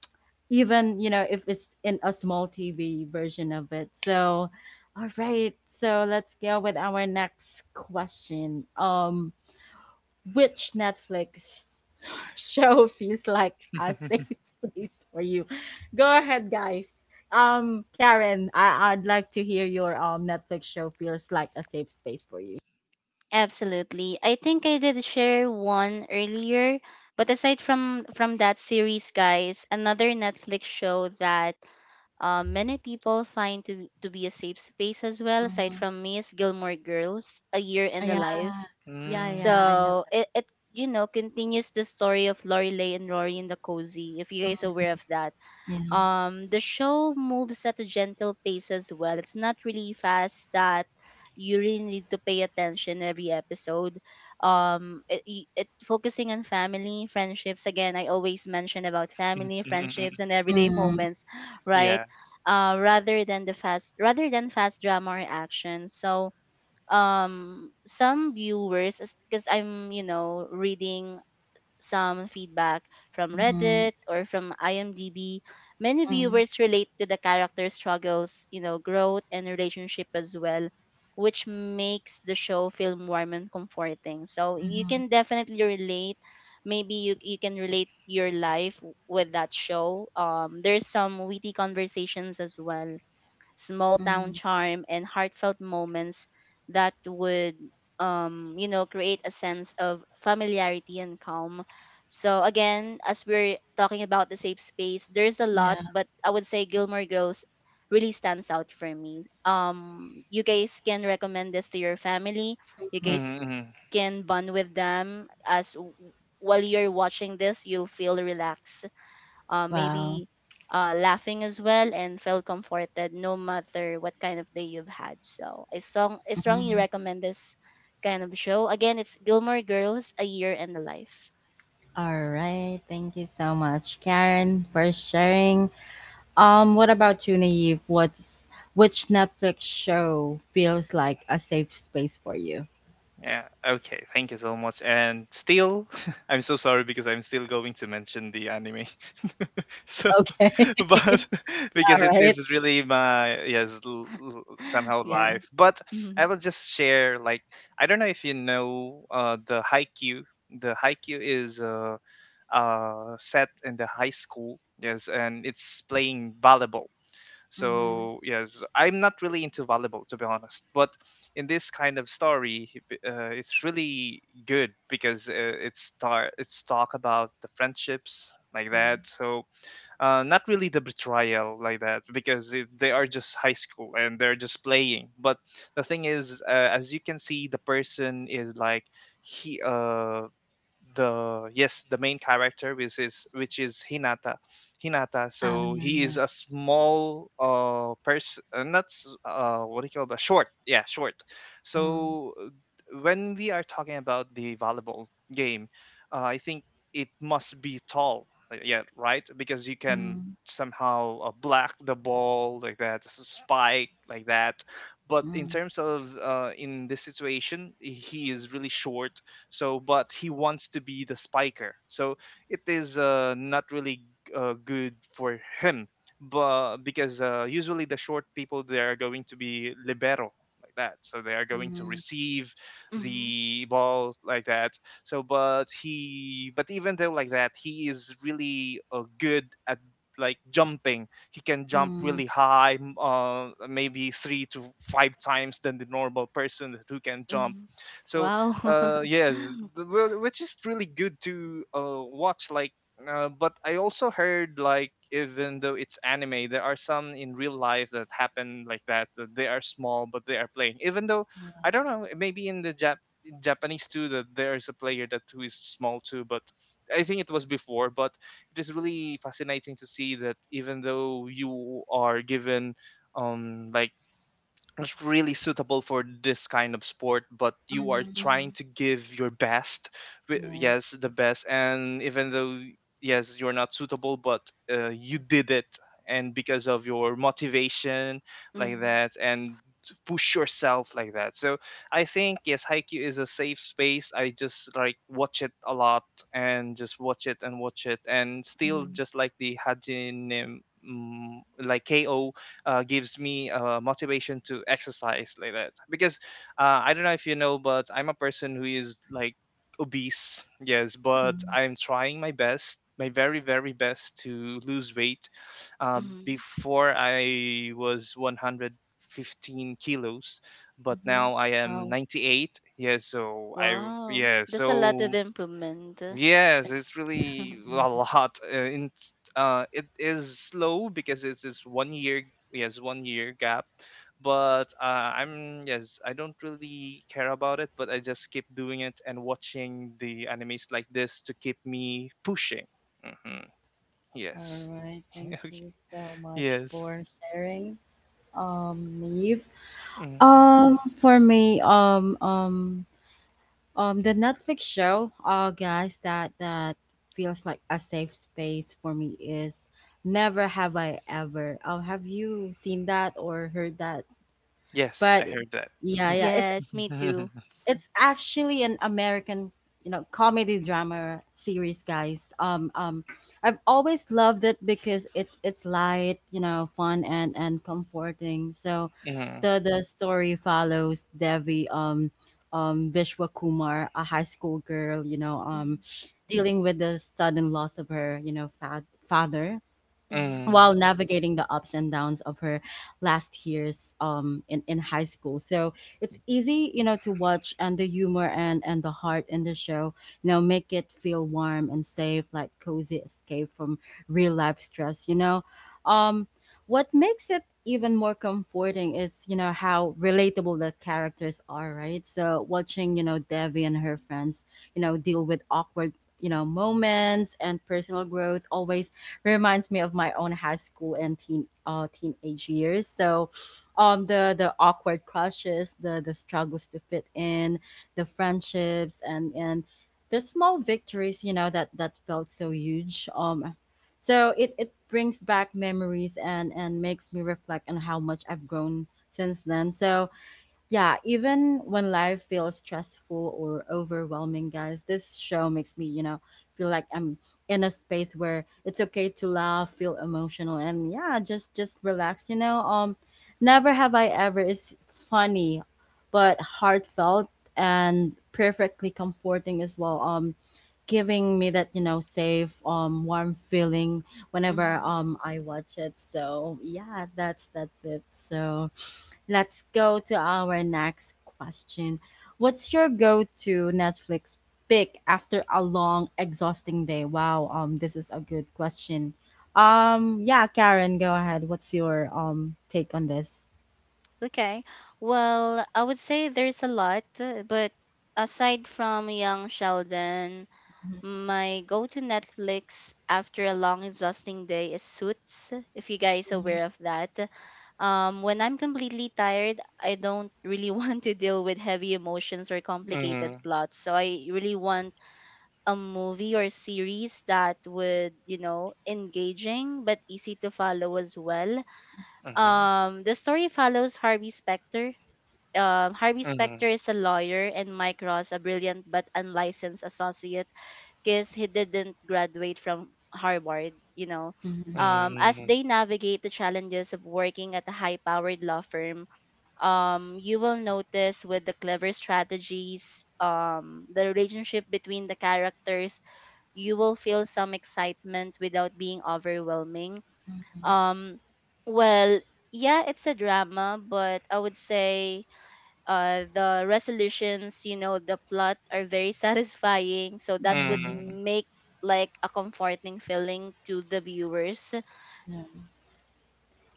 Even, if it's in a small TV version of it. So, all right. So, let's go with our next question. Which Netflix (laughs) show feels like a (laughs) safe (laughs) place for you? Go ahead, guys. Karen, I'd like to hear your Netflix show feels like a safe space for you. Absolutely. I think I did share one earlier, but aside from that series, guys, another Netflix show that many people find to be a safe space as well, aside Mm-hmm. from me, is Gilmore Girls, A Year in the Yeah, Life. yeah, Mm, yeah, I know So that. it, you know, continues the story of Lorelai and Rory in the cozy. If you guys are aware of that, Yeah. The show moves at a gentle pace as well. It's not really fast, that you really need to pay attention every episode. It focusing on family, friendships. Again, I always mention about mm, family, mm, mm, mm. friendships, and everyday (laughs) Mm-hmm. moments, right, Yeah. Rather than fast drama or action. So, some viewers, because I'm, you know, reading some feedback from Mm-hmm. Reddit or from IMDb, many viewers relate to the character's struggles, you know, growth, and relationship as well, which makes the show feel warm and comforting. So you Mm-hmm. can definitely relate. Maybe you, you can relate your life with that show. There's some witty conversations as well, small town Mm-hmm. charm, and heartfelt moments that would you know, create a sense of familiarity and calm. So, again, as we're talking about the safe space, there's a lot, Yeah. but I would say Gilmore Girls really stands out for me. You guys can recommend this to your family. You Mhm. Mm, guys mm. Mm. can bond with them as while you're watching this. You'll feel relaxed, Wow. maybe laughing as well, and felt comforted no matter what kind of day you've had. So I, I strongly Mhm. recommend this kind of show. Again, it's Gilmore Girls, A Year in the Life. All right. Thank you so much, Karen, for sharing. What about you, Naive? What's which Netflix show feels like a safe space for you? Yeah. Okay. Thank you so much. And still, (laughs) I'm so sorry because I'm still going to mention the anime. (laughs) So Okay, (laughs) (laughs) but (laughs) because it alright. is really my, yes, (laughs) somehow Yeah. life, but Mm-hmm. I will just share like, I don't know if you know the haiku. The haiku is set in the high school, yes, and it's playing volleyball. Mhm, So yes, I'm not really into volleyball to be honest, but in this kind of story, it's really good because it's talk about the friendships, like that. mhm. So not really the betrayal, like that, because they are just high school and they're just playing. But the thing is, as you can see, the person is like he the yes the main character, which is hinata. Oh, So yeah, he is yeah. a small person, not what do you call that, short, yeah, short. Mm, So when we are talking about the volleyball game, I think it must be tall. Yeah, right, because you can mm, somehow block the ball, like that, spike, like that. But in mm, terms of in this situation, he is really short. So, but he wants to be the spiker. So it is not really good for him, but because usually the short people, they are going to be libero, like that. So they are going to mhm, receive Mm-hmm. the ball, like that. So, but even though like that, he is really good at like jumping. He can jump mm, really high, maybe three to five times than the normal person who can jump. Mm-hmm. So Wow. Yes, (laughs) which is really good to watch, like. But I also heard, like, even though it's anime, there are some in real life that happen like that, that they are small but they are playing. Even though yeah, I don't know, maybe in in japanese too, that there's a player that who is small too. But I think it was before. But it is really fascinating to see that even though you are given like, it's really suitable for this kind of sport, but you are mhm, Mm-hmm. trying to give your best. Yes, yes. the best, and even though yes, you're not suitable, but you did it. And because of your motivation, like Mm-hmm. that, and push yourself, like that. So I think, yes, Haikyuu is a safe space. I just like watch it a lot, and just watch it and watch it, and still Mm, just like the hajin, like ko, gives me motivation to exercise, like that. Because I don't know if you know, but I'm a person who is like obese, yes, but mm, I'm trying my best, my very, very best to lose weight. Mm-hmm. Before, I was 115 kilos, but mhm. now I am Oh, 98. Yes, so Wow. yeah, That's a lot of so improvement. yes, it's really a (laughs) yeah. lot. It is slow because it's this 1 year, yes, 1 year gap. But I'm yes, I don't really care about it, but I just keep doing it and watching the animes like this to keep me pushing. hmm Yes. Alright, (laughs) thank Okay. you so much Yes. for sharing, Neve. Mm. For me, the Netflix show, guys, that feels like a safe space for me is Never Have I Ever. Have you seen that or heard that? Yes, I But heard that. yeah, yeah, it's Yes, me too. (laughs) it's actually an American, comedy drama series, guys. I've always loved it because it's light, fun and comforting. So, Mm, the story follows Devi, Vishwa Kumar, a high school girl, Mm-hmm. dealing with the sudden loss of her, father, Mm-hmm. mm, while navigating the ups and downs of her last years in high school, so it's easy, to watch, and the humor and the heart in the show, make it feel warm and safe, like cozy escape from real life stress. um what makes it even more comforting is, how relatable the characters are, right. So watching, Devi and her friends, deal with awkward, moments and personal growth always reminds me of my own high school and teenage years. So, the awkward crushes, the struggles to fit in, the friendships, and the small victories, that felt so huge. So it brings back memories and makes me reflect on how much I've grown since then. So yeah, even when life feels stressful or overwhelming, guys, this show makes me, feel like I'm in a space where it's okay to laugh, feel emotional, and yeah, just relax. Never have I ever is funny, but heartfelt and perfectly comforting as well. Giving me that, safe, warm feeling whenever Mm-hmm. I watch it. So yeah, that's it. So let's go to our next question. What's your go-to Netflix pick after a long, exhausting day? Wow, this is a good question. Yeah, Karen, go ahead. What's your take on this? Okay. Well, I would say there's a lot, but aside from Young Sheldon, my go-to Netflix after a long, exhausting day is Suits, if you guys Mhm, aware of that. When I'm completely tired, I don't really (laughs) want to deal with heavy emotions or complicated mm, plots. So I really want a movie or series that would, you know, engaging but easy to follow as well. mhm, The story follows Harvey Specter. Harvey mhm, Specter is a lawyer, and Mike Ross a brilliant but unlicensed associate, because he didn't graduate from Harvard, you know. mhm, As mm, they navigate the challenges of working at a high powered law firm, you will notice with the clever strategies, the relationship between the characters, you will feel some excitement without being overwhelming. mhm, Um, well, yeah, it's a drama, but I would say the resolutions the plot are very (laughs) satisfying, so that would mm. mhm, make like a comforting feeling to the viewers. yeah,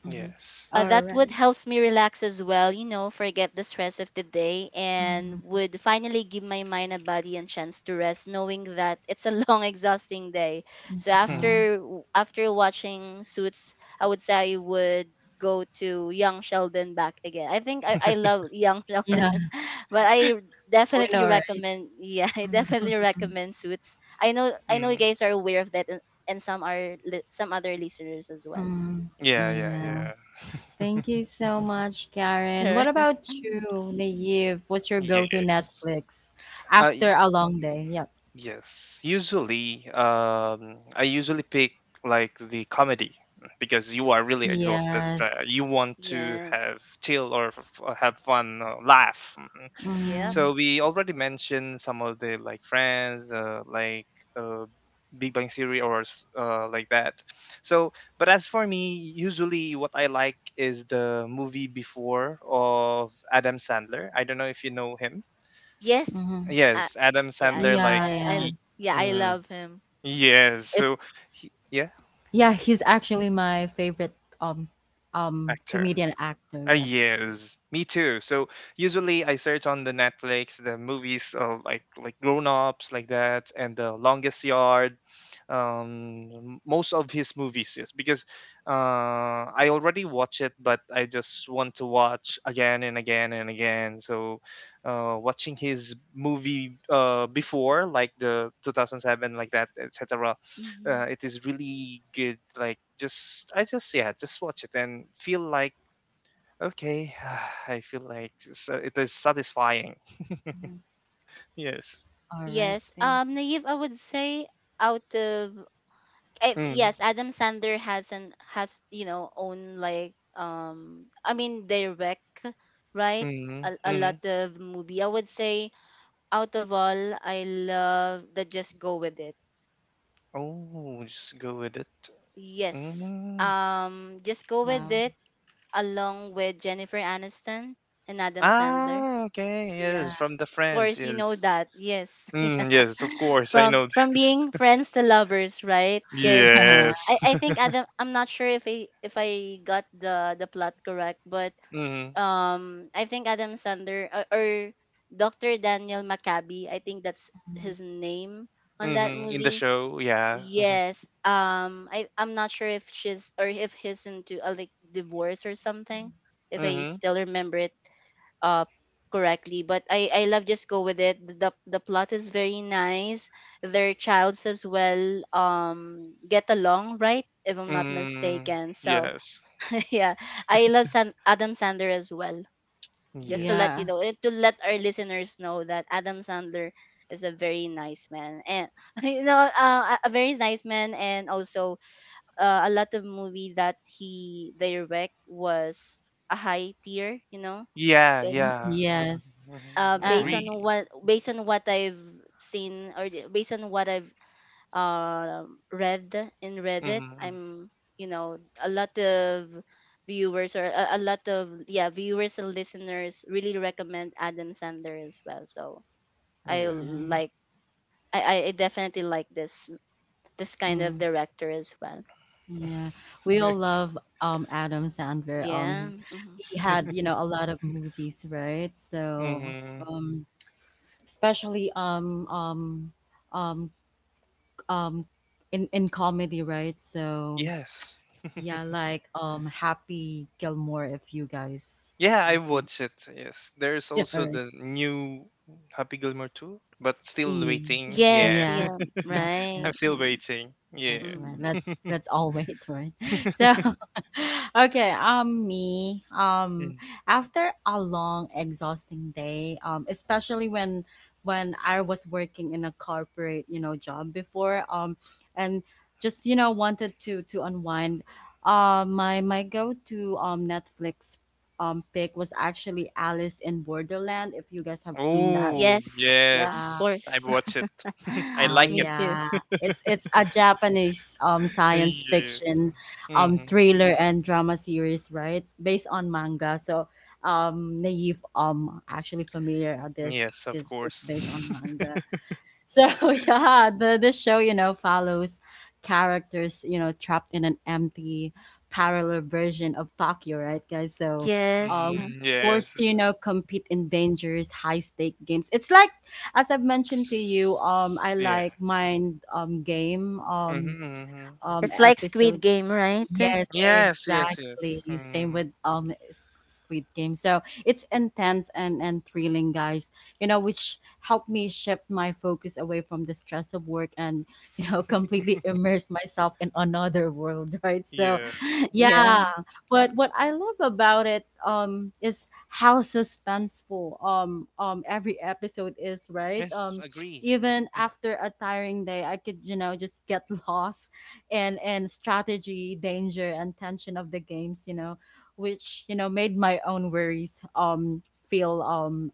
mhm. Yes. All That would right. helps me relax as well, forget the stress of the day, and Mhm, would finally give my mind and body a chance to rest knowing that it's a (laughs) long exhausting day. So mhm. (laughs) after watching Suits, I would say I would go to Young Sheldon back again. I think I love Young (laughs) Okay. Sheldon. Yeah, But I we definitely know, right? recommend, yeah, I Mm, mm, definitely recommend Suits. I know you Mm. guys are aware of that, and some are some other listeners as well. mm, (laughs) Yeah, yeah, yeah. yeah. Thank you so much, Karen. What (laughs) Right. about you, Naive? What's your go-to Yes. Netflix I after a long day? Yep. Yes. Usually, I usually pick like the comedy because you are really exhausted. Yes. You want to Yes. have chill, or have fun, laugh. Yep. Mm-hmm. So we already mentioned some of the like Friends, like uh, Big Bang Theory, or like that. So, but as for me, usually what I like is the movie before of Adam Sandler. I don't know if you know him. Yes. Mm-hmm. I, Yes, Adam yeah. Sandler. Like, Yeah, I. yeah. he, Yeah. I mm, love him. yes. It So, yeah, yeah, he's actually my favorite actor. comedian actor. Yep. Yes, me too. So usually I search on the Netflix the movies, like Grown Ups, like that, and The Longest Yard, most of his movies. Yes, because I already watch it, but I just want to watch again and again and again. So watching his movie, before, like the 2007, like that, etc. Mhm. It is really good. Like just, I just, yeah, just watch it and feel like, okay, (sighs) I feel like, so it is satisfying. Mhm. Yes. All right. Yes. Thank you. Naive, I would say out of Mm, yes, Adam Sandler has an has you know own, like, um, I mean direct, right, mm, a mm. lot of movie. I would say out of all, I love the Just Go With It. Oh, just go with it. Yes. Mm. Just Go With Wow. It along with Jennifer Aniston and Adam Sandler. Ah, okay, yes, Yeah. from the Of friends, course, you know yes. that. Yes. (laughs) Mm, Yeah. yes, of course, I From know this. being (laughs) friends to lovers, right? Because (laughs) Yes. I (laughs) think Adam, I'm not sure if I got the plot correct, but Mm, I think Adam Sander or Dr. Daniel Maccabi, I think that's Mhm. his name on that mm, in the movie. show, yeah. Yes. Um, I'm not sure if she's, or if he's into a like divorce or something, if Mm-hmm. I Mm, still remember it uh correctly. But I love Just Go With It. The plot is very nice, their childs as well, um, get along, right, if I'm not mm, mistaken. So yes, (laughs) yeah, I love Adam Sandler as well. Just to yes. let you Yeah. know, to let our listeners know that Adam Sandler is a very nice man and, (laughs) you know, a very nice man, and also a lot of movie that he direct was a high tier, you know, Yeah, Mm, yeah. yes. Mm-hmm, mm-hmm, based on And agree. what, I've seen, or based on what I've uh, read in Mm-hmm, Reddit. mm-hmm, I'm, you know, a lot of viewers, or a lot of, yeah, viewers and listeners really recommend Adam Sandler as well. So I yeah. yeah. like, I definitely like this kind of Mm. director as well. Yeah, (laughs) we all Okay. love Adam Sandler. Um, Yeah. he Mhm. he had, a lot of movies, right? So, Mm-hmm. Especially, um um in comedy, right? So Yes. yeah, like, Happy Gilmore, if you guys Yeah, have I seen. (laughs) watched it. Yes. There's Yeah, also right. the new Happy Gilmore 2, but still E. waiting. Yeah. Yes. Yeah. Yeah. Yes. (laughs) Yes. I'm Right. still Mm-hmm. waiting. Yeah. That's right. Mm-hmm. That's all weight, right? (laughs) So, (laughs) okay. Me. Mm. After a long, exhausting day. Especially when I was working in a corporate, job before. And Just wanted to unwind. My go to Netflix pick was actually Alice in Borderland, if you guys have seen that. Oh, Yes. Yeah. Of uh, yes. I course. watch it. (laughs) I Oh (laughs) like Me it. too. yeah, it's a Japanese (laughs) science Yes. fiction, hmm thriller and drama series, right? It's based on manga. Naive actually familiar with this Yes, of because it's course. based on (laughs) manga. So (laughs) yeah, the show follows characters trapped in an empty parallel version of Tokyo, right, guys? Yes. um Mm, yes. Forced to compete in dangerous high stake games. It's like, as I've mentioned to you, I S- Yeah. like mind game Mm-hmm, mm-hmm. It's like Squid episodes. Game, right? Yes, Yes, yes, yes. exactly, same Mm, with Squid Game. So it's intense and thrilling, guys. You know, which helped me shift my focus away from the stress of work, and you know (laughs) completely immerse myself in another world, right? So yeah. (laughs) Yeah. yeah, but what I love about it is how suspenseful every episode is, right? Yes, agree. Even after a tiring day, I could, you know, just get (laughs) lost and strategy, danger and tension of the games, you know, which, you know, made my own worries feel um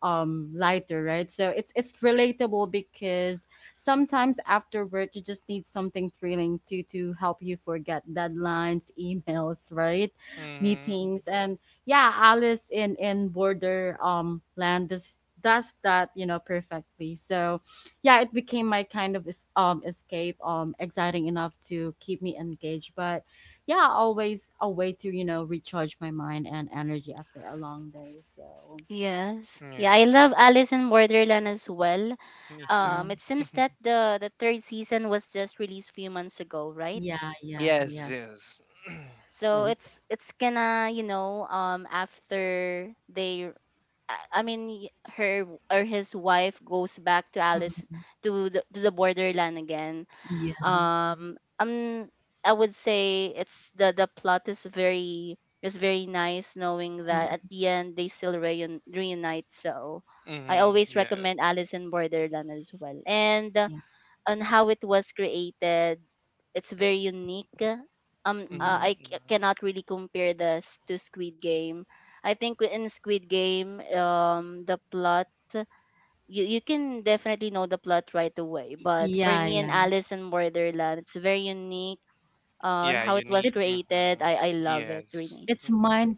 um lighter, right? So it's relatable, because sometimes after work you just need something thrilling to help you forget deadlines, (laughs) emails, right? Mm-hmm. Meetings and yeah, Alice in border land does that, you know, perfectly. So yeah, it became my kind of escape, exciting enough to keep me engaged, but yeah, always a way to, you know, recharge my mind and energy after a long day. So Yes. Yeah, I Yes, love Alice in Borderland as well. me too. It seems (laughs) that the third season was just released few months ago, right? yeah, yeah, Yes, yes. yes. (clears throat) So So it's it's it's gonna, you know, after they, I mean, her or his wife goes back to Alice, mm, to the Borderland again. yeah, Um, um, I would say it's the plot is very, nice, knowing that mm, at the end they still reunite. So I Mm-hmm, always yeah. recommend Alice in Borderland as well. And, yeah, on how it was created, it's very unique. Um, Mm-hmm, mm, I mm-hmm. cannot really compare this to Squid Game. I think in Squid Game, um, the plot, you can definitely know the plot right away. But for yeah, me and yeah. Alice in Borderland, it's very unique, on Yeah, how it unique. was It's created. Mm-hmm. I love it, Yes. really. it's Mm. mind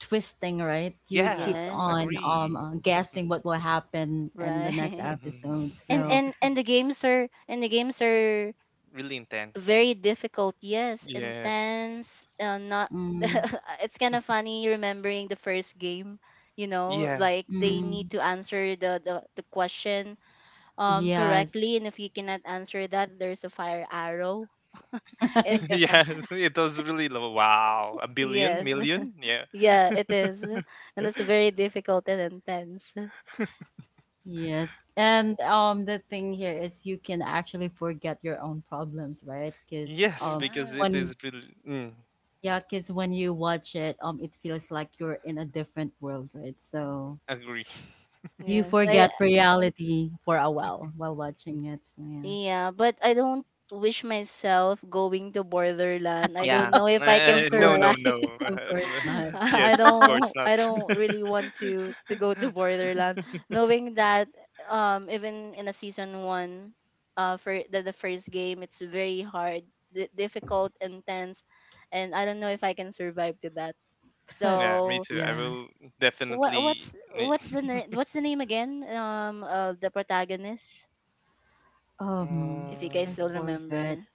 twisting, right? You Yeah, keep Yes, on agree. Guessing what (laughs) will happen in the next right. (laughs) episode. And, Mm-hmm. So (laughs) and the games are, Really intense. very difficult. Yes, Yes. intense. Not. mm, (laughs) It's kind of funny remembering the first game. You know, Yeah. like they Mhm. mm, need to answer the question, um, yes, correctly, and if you cannot answer that, there's a fire arrow (laughs) (laughs) (laughs) and yeah, Yes, it was really low. Wow, a billion, Yes. million? Yeah. (laughs) Yeah, it is. And it's very difficult and intense. yes. And the thing here is you can actually forget your own problems, right? Because Yes, because Yeah. it when is really. Mm, Yeah, because when you watch it, it feels like you're in a different world, right? So agree. you Yes. I, forget reality for a while watching it. So, yeah, yeah, but I don't wish myself going to Borderland. I Yeah. don't know if I can of No, course, no, survive. no. of Uh, course b- (laughs) not. (laughs) Yes, of course I not. don't really want to go to (laughs) Borderland, knowing that, um, even in a season 1, for the first game, it's very hard, di difficult, intense, and I don't know if I can survive to that. (laughs) Yeah, me So too. I Yeah. will definitely. Me- (laughs) what's the name again, um, of the protagonist, Um, if you guys Um, I still forgot. remember.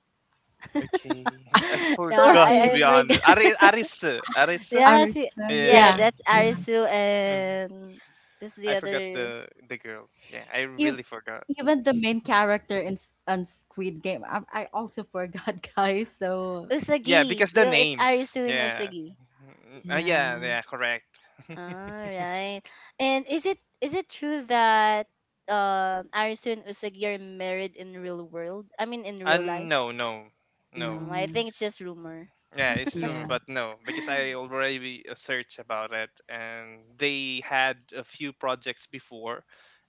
okay. (laughs) I (laughs) Yeah, forgot to i Sorry, i be forgot. honest. Arisa. (laughs) Arisa? Yeah, see, Arisa. yeah, Yeah. Yeah, that's (laughs) yeah. Arisu. Mm. And who's the I forgot other? the girl. Yeah, I If really forgot. Even the main character in S- on Squid Game, I also forgot, (laughs) guys. So Usagi. Yeah, because the Yo, it's Arisu names. and Yeah. Usagi. Mm, mm. Yeah, yeah, yeah, correct. All (laughs) right. And is it, true that Arisu and Usagi are married in real world, I mean in real life? no, no, Mm, no. I no, think it's just rumor. Yeah, it's rumor, yeah. but no, because I (laughs) already searched about it, and they had a few projects before,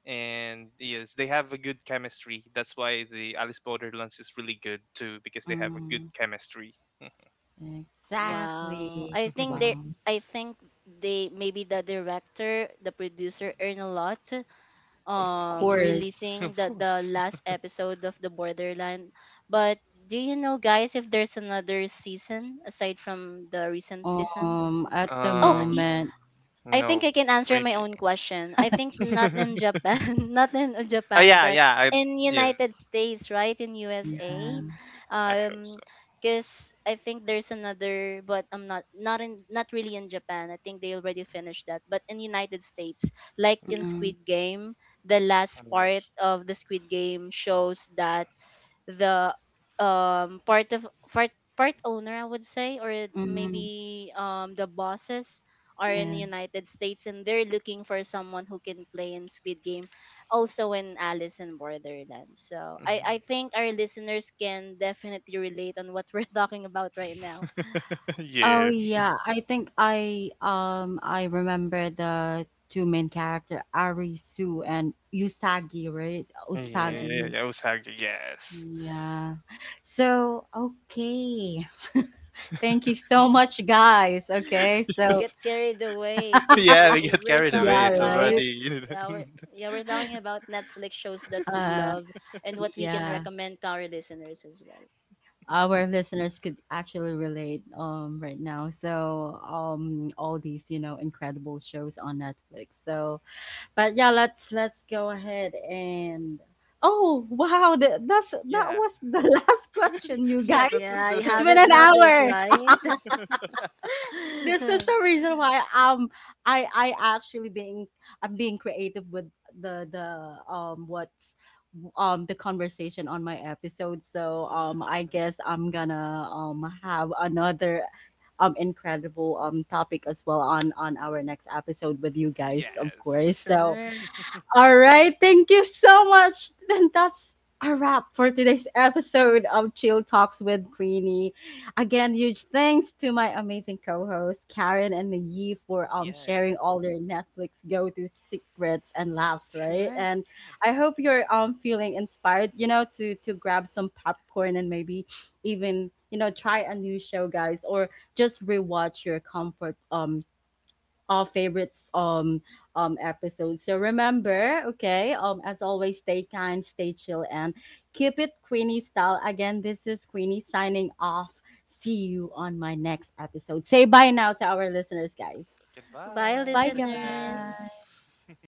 and yes, they have a good chemistry. That's why the Alice Borderlands is really good too, because they have a good Mm. chemistry. Wow. Exactly. (laughs) Wow. I think they maybe, the director, the producer, earn a lot, Of um, Yeah. (laughs) releasing course. Of the course. last episode of the Borderline. But do you know, guys, if there's another season aside from the recent season? At the Oh, Um, moment, I no, think I can answer my maybe. own question. I think not in (laughs) Japan, (laughs) not in Oh Japan, yeah, but in yeah, United States, right? In yeah. USA, I hope um, so. because I think there's another, but I'm not, not in not really in Japan. I think they already finished that. But in United States, like in Mm-hmm. Squid Game, the last part of the Squid Game shows that the, um, part of, part owner I would say, or Mm-hmm. maybe the bosses are in the Yeah. United States, and they're looking for someone who can play in Squid Game, also in Alice in Borderland. So, I think our listeners can definitely relate on what we're (laughs) talking about right now. Yes. Mhm. (laughs) Oh Yes. yeah, I think I remember the two main character Arisu and Usagi, right? Yeah, yeah, Usagi. yeah, Yes. Osaka, yes. Yeah. So, okay. (laughs) Thank you so much, guys. Okay. We So, get (laughs) carried away because Yeah, we get we're carried away. talking yeah, It's about, right? already yeah we're (laughs) yeah, we're talking about Netflix shows that we Uh, love and what we can yeah, recommend to our listeners as well. our listeners could actually relate right now. All these, you know, incredible shows on Netflix. So but yeah, let's go ahead. And Oh wow, that's that yeah, was the (laughs) last question, you yeah. That guys. was Yeah, you the It's last. been haven't an (laughs) noticed, hour. right? This is the (laughs) reason why I actually being I'm being creative with the the um what's the conversation on my episode. So I Mm, guess I'm gonna have another incredible topic as well on our next episode with you guys, of yes, course. So Sure. all right, thank you so much. Then that's a wrap for today's episode of Chill Talks with Queenie. Again, huge thanks to my amazing co-hosts, Karen and Yi, for sharing yes. all their Netflix go-to secrets and laughs, right? Sure. And Mhm. I hope you're feeling inspired, you know, to grab some popcorn and maybe even, you know, try a new show, guys, or just rewatch your comfort our favorites episodes. So remember, okay, as always, stay kind, stay chill, and keep it Queenie style. Again, this is Queenie signing off. See you on my next episode. Say bye now to our listeners, guys. Bye, Goodbye, Bye listeners. listeners. guys. (laughs)